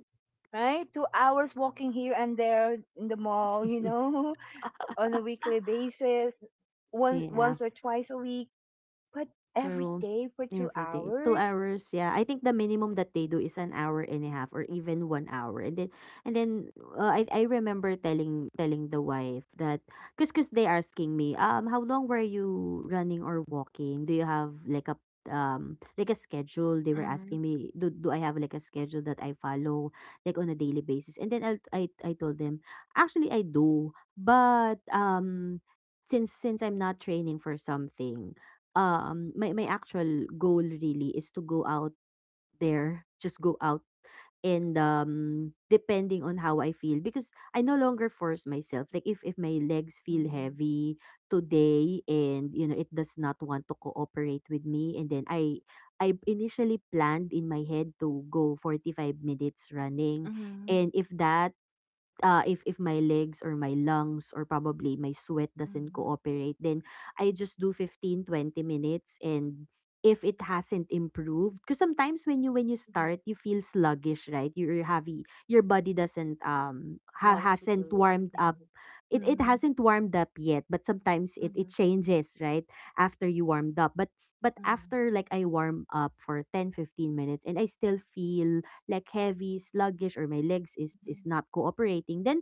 Speaker 1: right? Two hours walking here and there in the mall, you know, on a weekly basis, once,
Speaker 2: Yeah.
Speaker 1: once or twice a week, but every
Speaker 2: True.
Speaker 1: day for two
Speaker 2: Every day. Two
Speaker 1: hours.
Speaker 2: hours, yeah. I think the minimum that they do is an hour and a half, or even one hour. And then, and then uh, I I remember telling telling the wife that, because cause they asking me, um, how long were you running or walking? Do you have like a, um like a schedule? They were
Speaker 1: Mm-mm.
Speaker 2: asking me, do, do I have like a schedule that I follow, like, on a daily basis? And then I I I told them, actually I do, but um since since I'm not training for something, um, my my actual goal really is to go out there, just go out and um depending on how I feel, because I no longer force myself. Like if if my legs feel
Speaker 1: Mm-hmm.
Speaker 2: heavy today and you know it does not want to cooperate with me, and then I I initially planned in my head to go forty five minutes running,
Speaker 1: Mm-hmm.
Speaker 2: and if that, uh, if if my legs or my lungs or probably my sweat doesn't
Speaker 1: Mm-hmm.
Speaker 2: cooperate, then I just do fifteen twenty minutes. And if it hasn't improved, because sometimes when you when you
Speaker 1: Mm-hmm.
Speaker 2: start you feel sluggish, right? You're heavy, your body doesn't um ha-
Speaker 1: Want to do
Speaker 2: hasn't warmed
Speaker 1: it.
Speaker 2: up, it it
Speaker 1: Mm-hmm.
Speaker 2: hasn't warmed up yet, but sometimes it it
Speaker 1: Mm-hmm.
Speaker 2: changes, right, after you warmed up. but but
Speaker 1: Mm-hmm.
Speaker 2: after, like, I warm up for ten fifteen minutes and I still feel like heavy, sluggish, or my legs is is not cooperating, then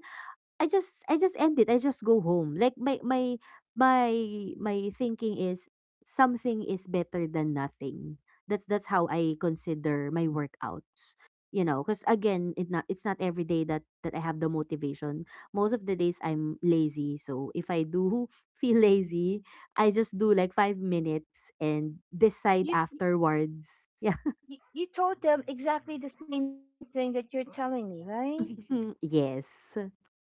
Speaker 2: I just I just end it. I just go home. Like my my my my thinking is, something is better than nothing. That's that's how I consider my workouts. You know, because again, it not it's not every day that that I have the motivation. Most of the days I'm lazy. So if I do feel lazy, I just do like five minutes and
Speaker 1: Oh,
Speaker 2: decide
Speaker 1: you,
Speaker 2: afterwards. Yeah.
Speaker 1: you you told them exactly the same thing that you're telling me, right?
Speaker 2: Yes.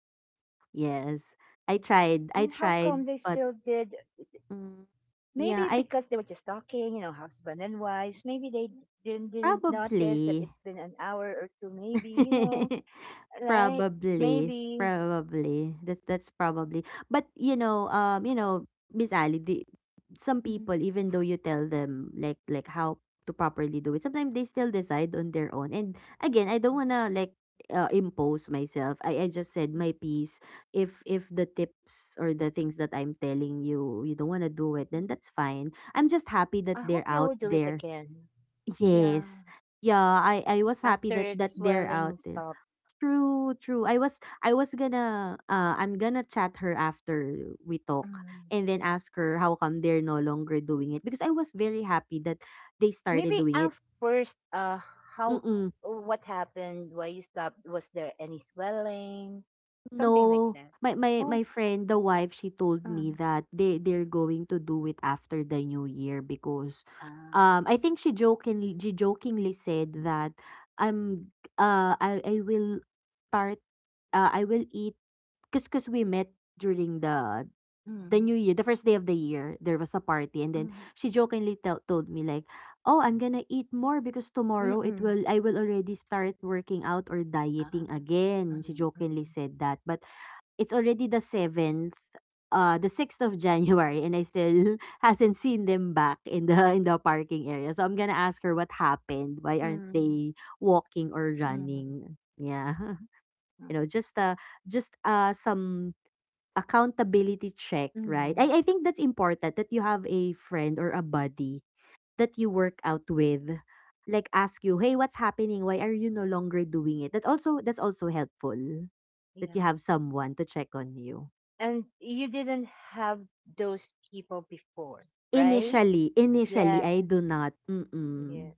Speaker 1: And how come they
Speaker 2: Yes.
Speaker 1: still
Speaker 2: I
Speaker 1: did?
Speaker 2: tried. I tried, but
Speaker 1: Maybe because they were
Speaker 2: mm,
Speaker 1: just talking, you
Speaker 2: yeah,
Speaker 1: know,
Speaker 2: I
Speaker 1: husband and wife. Maybe they didn't didn't notice that it's been an hour
Speaker 2: probably.
Speaker 1: or two, maybe, you know. Right? Maybe.
Speaker 2: probably probably that that's probably. But you know, um, you know, Miss Ali, do,
Speaker 1: Mhm.
Speaker 2: some people, even though you tell them, like, like how to properly do it, sometimes they still decide on their own. And again, I don't wanna like, uh, impose myself. I I just said my piece. If if the tips or the things that I'm telling you, you don't wanna do it, then that's fine. I'm
Speaker 1: I
Speaker 2: just
Speaker 1: hope
Speaker 2: happy
Speaker 1: they
Speaker 2: that
Speaker 1: will do
Speaker 2: they're
Speaker 1: it
Speaker 2: out
Speaker 1: again.
Speaker 2: there.
Speaker 1: Yeah,
Speaker 2: Yes. Yeah, I I was happy
Speaker 1: after the
Speaker 2: that that they're
Speaker 1: swelling
Speaker 2: out there.
Speaker 1: stops.
Speaker 2: True, true. I was I was gonna uh I'm gonna chat her after we talk,
Speaker 1: Mm.
Speaker 2: and then ask her how come they're no longer doing it, because I was very happy that they started
Speaker 1: Maybe
Speaker 2: doing it.
Speaker 1: ask first uh how,
Speaker 2: Mm-mm.
Speaker 1: what happened, why you stopped, was there any swelling, something like
Speaker 2: No,
Speaker 1: that.
Speaker 2: my my
Speaker 1: Oh,
Speaker 2: my friend, the wife, she told me
Speaker 1: um,
Speaker 2: that they they're going to do it after the new year. Because
Speaker 1: uh,
Speaker 2: um I think she jokingly she jokingly said that I'm, uh I I will start, uh I will eat, cause cause we met during the
Speaker 1: mm,
Speaker 2: the new year, the first day of the year. There was a
Speaker 1: mm,
Speaker 2: party, and then she jokingly tell told me like, "Oh, I'm gonna eat more because
Speaker 1: mm,
Speaker 2: tomorrow
Speaker 1: mm,
Speaker 2: it will I will already start working out or
Speaker 1: um,
Speaker 2: dieting again." She jokingly
Speaker 1: mm,
Speaker 2: said that. But it's already the seventh, uh, the sixth of January and I still hasn't seen them back in the in the parking area. So I'm gonna ask her what happened. Why aren't
Speaker 1: mm,
Speaker 2: they walking or
Speaker 1: mm, mm,
Speaker 2: running? Yeah. You
Speaker 1: mm,
Speaker 2: know, just uh just uh some accountability check,
Speaker 1: mm,
Speaker 2: right?
Speaker 1: mm,
Speaker 2: I, I think that's important, that you have a friend or a buddy that you
Speaker 1: yes,
Speaker 2: work out with. Like ask you, hey, what's happening? Why are you no longer doing it? That also, that's also helpful, that
Speaker 1: yeah.
Speaker 2: you have someone to check on you.
Speaker 1: And you didn't have those people before, right?
Speaker 2: Initially initially
Speaker 1: Yeah,
Speaker 2: I do not, mm.
Speaker 1: yeah.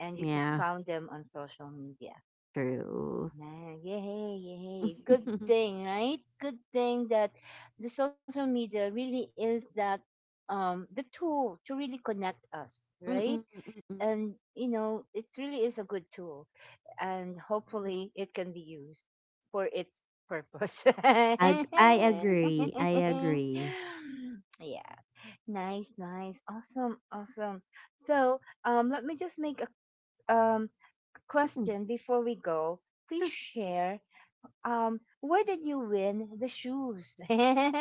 Speaker 1: And you just
Speaker 2: Yeah,
Speaker 1: found them on social media.
Speaker 2: true.
Speaker 1: Man, yay, yay. Good thing, right? Good thing that the social media really is that um the tool to really connect us,
Speaker 2: Mm,
Speaker 1: right?
Speaker 2: mm, mm.
Speaker 1: And you know, it really is a good tool and hopefully it can be used for its purpose.
Speaker 2: Ag I agree, I agree.
Speaker 1: Yeah. Nice, nice. Awesome, awesome. So, um, let me just make a um
Speaker 2: Mm, true.
Speaker 1: question before we go. Please share. Um, where did you win the shoes?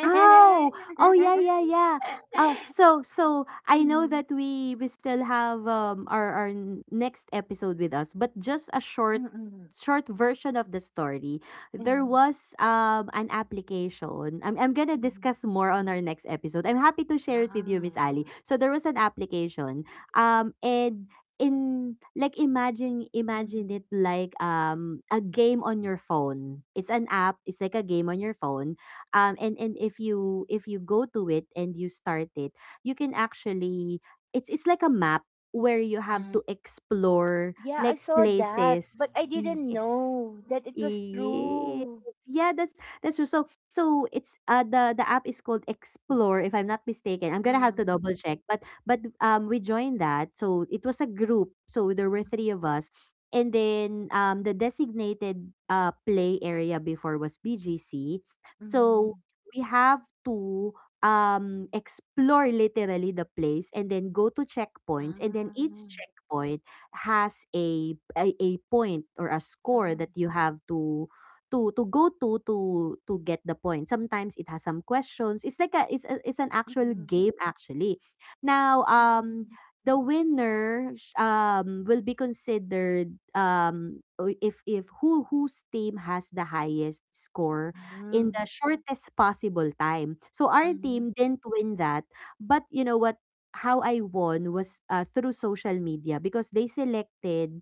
Speaker 2: Oh, oh yeah, yeah, yeah. Uh, so so I know
Speaker 1: Mm,
Speaker 2: that we we still have um our our n- next episode with us, but just a short
Speaker 1: mm-mm,
Speaker 2: short version of the story. There
Speaker 1: mm,
Speaker 2: was um an application. I'm I'm gonna
Speaker 1: mm.
Speaker 2: discuss more on our next episode. I'm happy to share it with
Speaker 1: Ah,
Speaker 2: you, Miss Ali. So there was an application. Um and in, like, imagine imagine
Speaker 1: mm,
Speaker 2: it like um a game on your phone. It's an app. It's like a game on your phone, um and and if you, if you go to it and you start it, you can actually, it's it's like a map where you have
Speaker 1: mm.
Speaker 2: to explore
Speaker 1: Yeah, I
Speaker 2: like
Speaker 1: saw that, but
Speaker 2: places,
Speaker 1: I didn't
Speaker 2: yes.
Speaker 1: know that it was
Speaker 2: Yes.
Speaker 1: true.
Speaker 2: Yeah, that's that's true. So so it's uh the the app is called Explore, if I'm not mistaken. I'm gonna have to
Speaker 1: Um,
Speaker 2: double check. But but um we joined that. So it was a group. So there were three of us. And then um the designated uh play area before was B G C. So
Speaker 1: mm,
Speaker 2: we have to um explore literally the place, and then go to checkpoints, and then each
Speaker 1: ah,
Speaker 2: checkpoint has a a, a point or a score
Speaker 1: ah,
Speaker 2: that you have to, to to go to to to get the point. Sometimes it has some questions. It's like a, it's a, it's an actual
Speaker 1: mm,
Speaker 2: game actually. Now um
Speaker 1: mm.
Speaker 2: the winner sh- um will be considered, um o- if if who, whose team has the highest score in
Speaker 1: Mhm,
Speaker 2: the shortest possible time. So our
Speaker 1: mhm,
Speaker 2: team didn't win that, but you know what? How I won was, uh, through social media, because they selected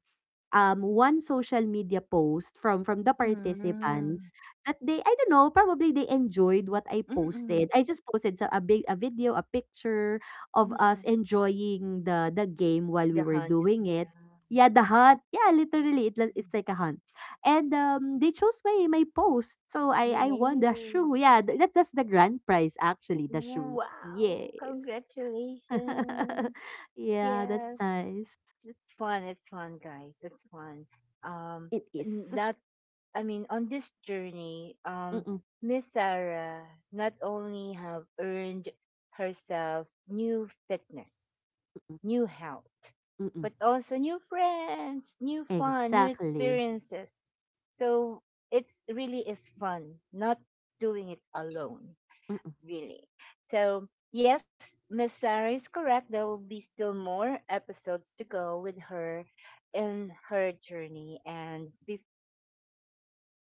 Speaker 2: um one social media post from from the
Speaker 1: mhm,
Speaker 2: participants that they, I don't know, probably they enjoyed what I
Speaker 1: mm,
Speaker 2: posted. I just posted so a big, a video, a picture of
Speaker 1: mm.
Speaker 2: us enjoying the the game while
Speaker 1: The
Speaker 2: we were
Speaker 1: Hunt,
Speaker 2: doing
Speaker 1: yeah.
Speaker 2: it. Yeah, the hunt. Yeah, literally it, li- it's like a hunt. And um they chose my my post. So I I
Speaker 1: Yay!
Speaker 2: won the shoe. Yeah, th- that's that's the grand prize actually, the shoes.
Speaker 1: Wow!
Speaker 2: Yes.
Speaker 1: Congratulations!
Speaker 2: Yeah, that's
Speaker 1: Yes,
Speaker 2: nice.
Speaker 1: it's fun. It's fun, guys. It's fun. Um,
Speaker 2: It is.
Speaker 1: n- not. I mean, on this journey, um,
Speaker 2: Mm-mm,
Speaker 1: Miss Sarah not only have earned herself new fitness,
Speaker 2: mm-mm,
Speaker 1: new health,
Speaker 2: mm-mm.
Speaker 1: but also new friends, new fun, new
Speaker 2: Exactly.
Speaker 1: experiences. So it's really is fun, not doing it alone,
Speaker 2: Mm-mm.
Speaker 1: really. So yes, Miss Sarah is correct. There will be still more episodes to go with her in her journey and be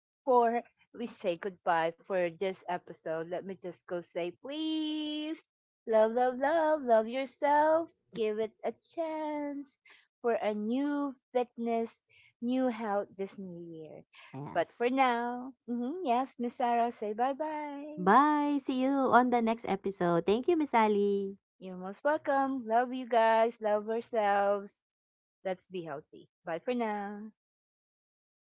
Speaker 1: before we say goodbye for this episode, let me just go say, please, love, love, love, love yourself. Give it a chance for a new fitness, new health this new year. But for
Speaker 2: Yes.
Speaker 1: now, mhm, yes, Miss Sarah, say bye bye.
Speaker 2: Bye. See you on the next episode. Thank you, Miss Ali.
Speaker 1: You're most welcome. Love you guys. Love ourselves. Let's be healthy. Bye for now.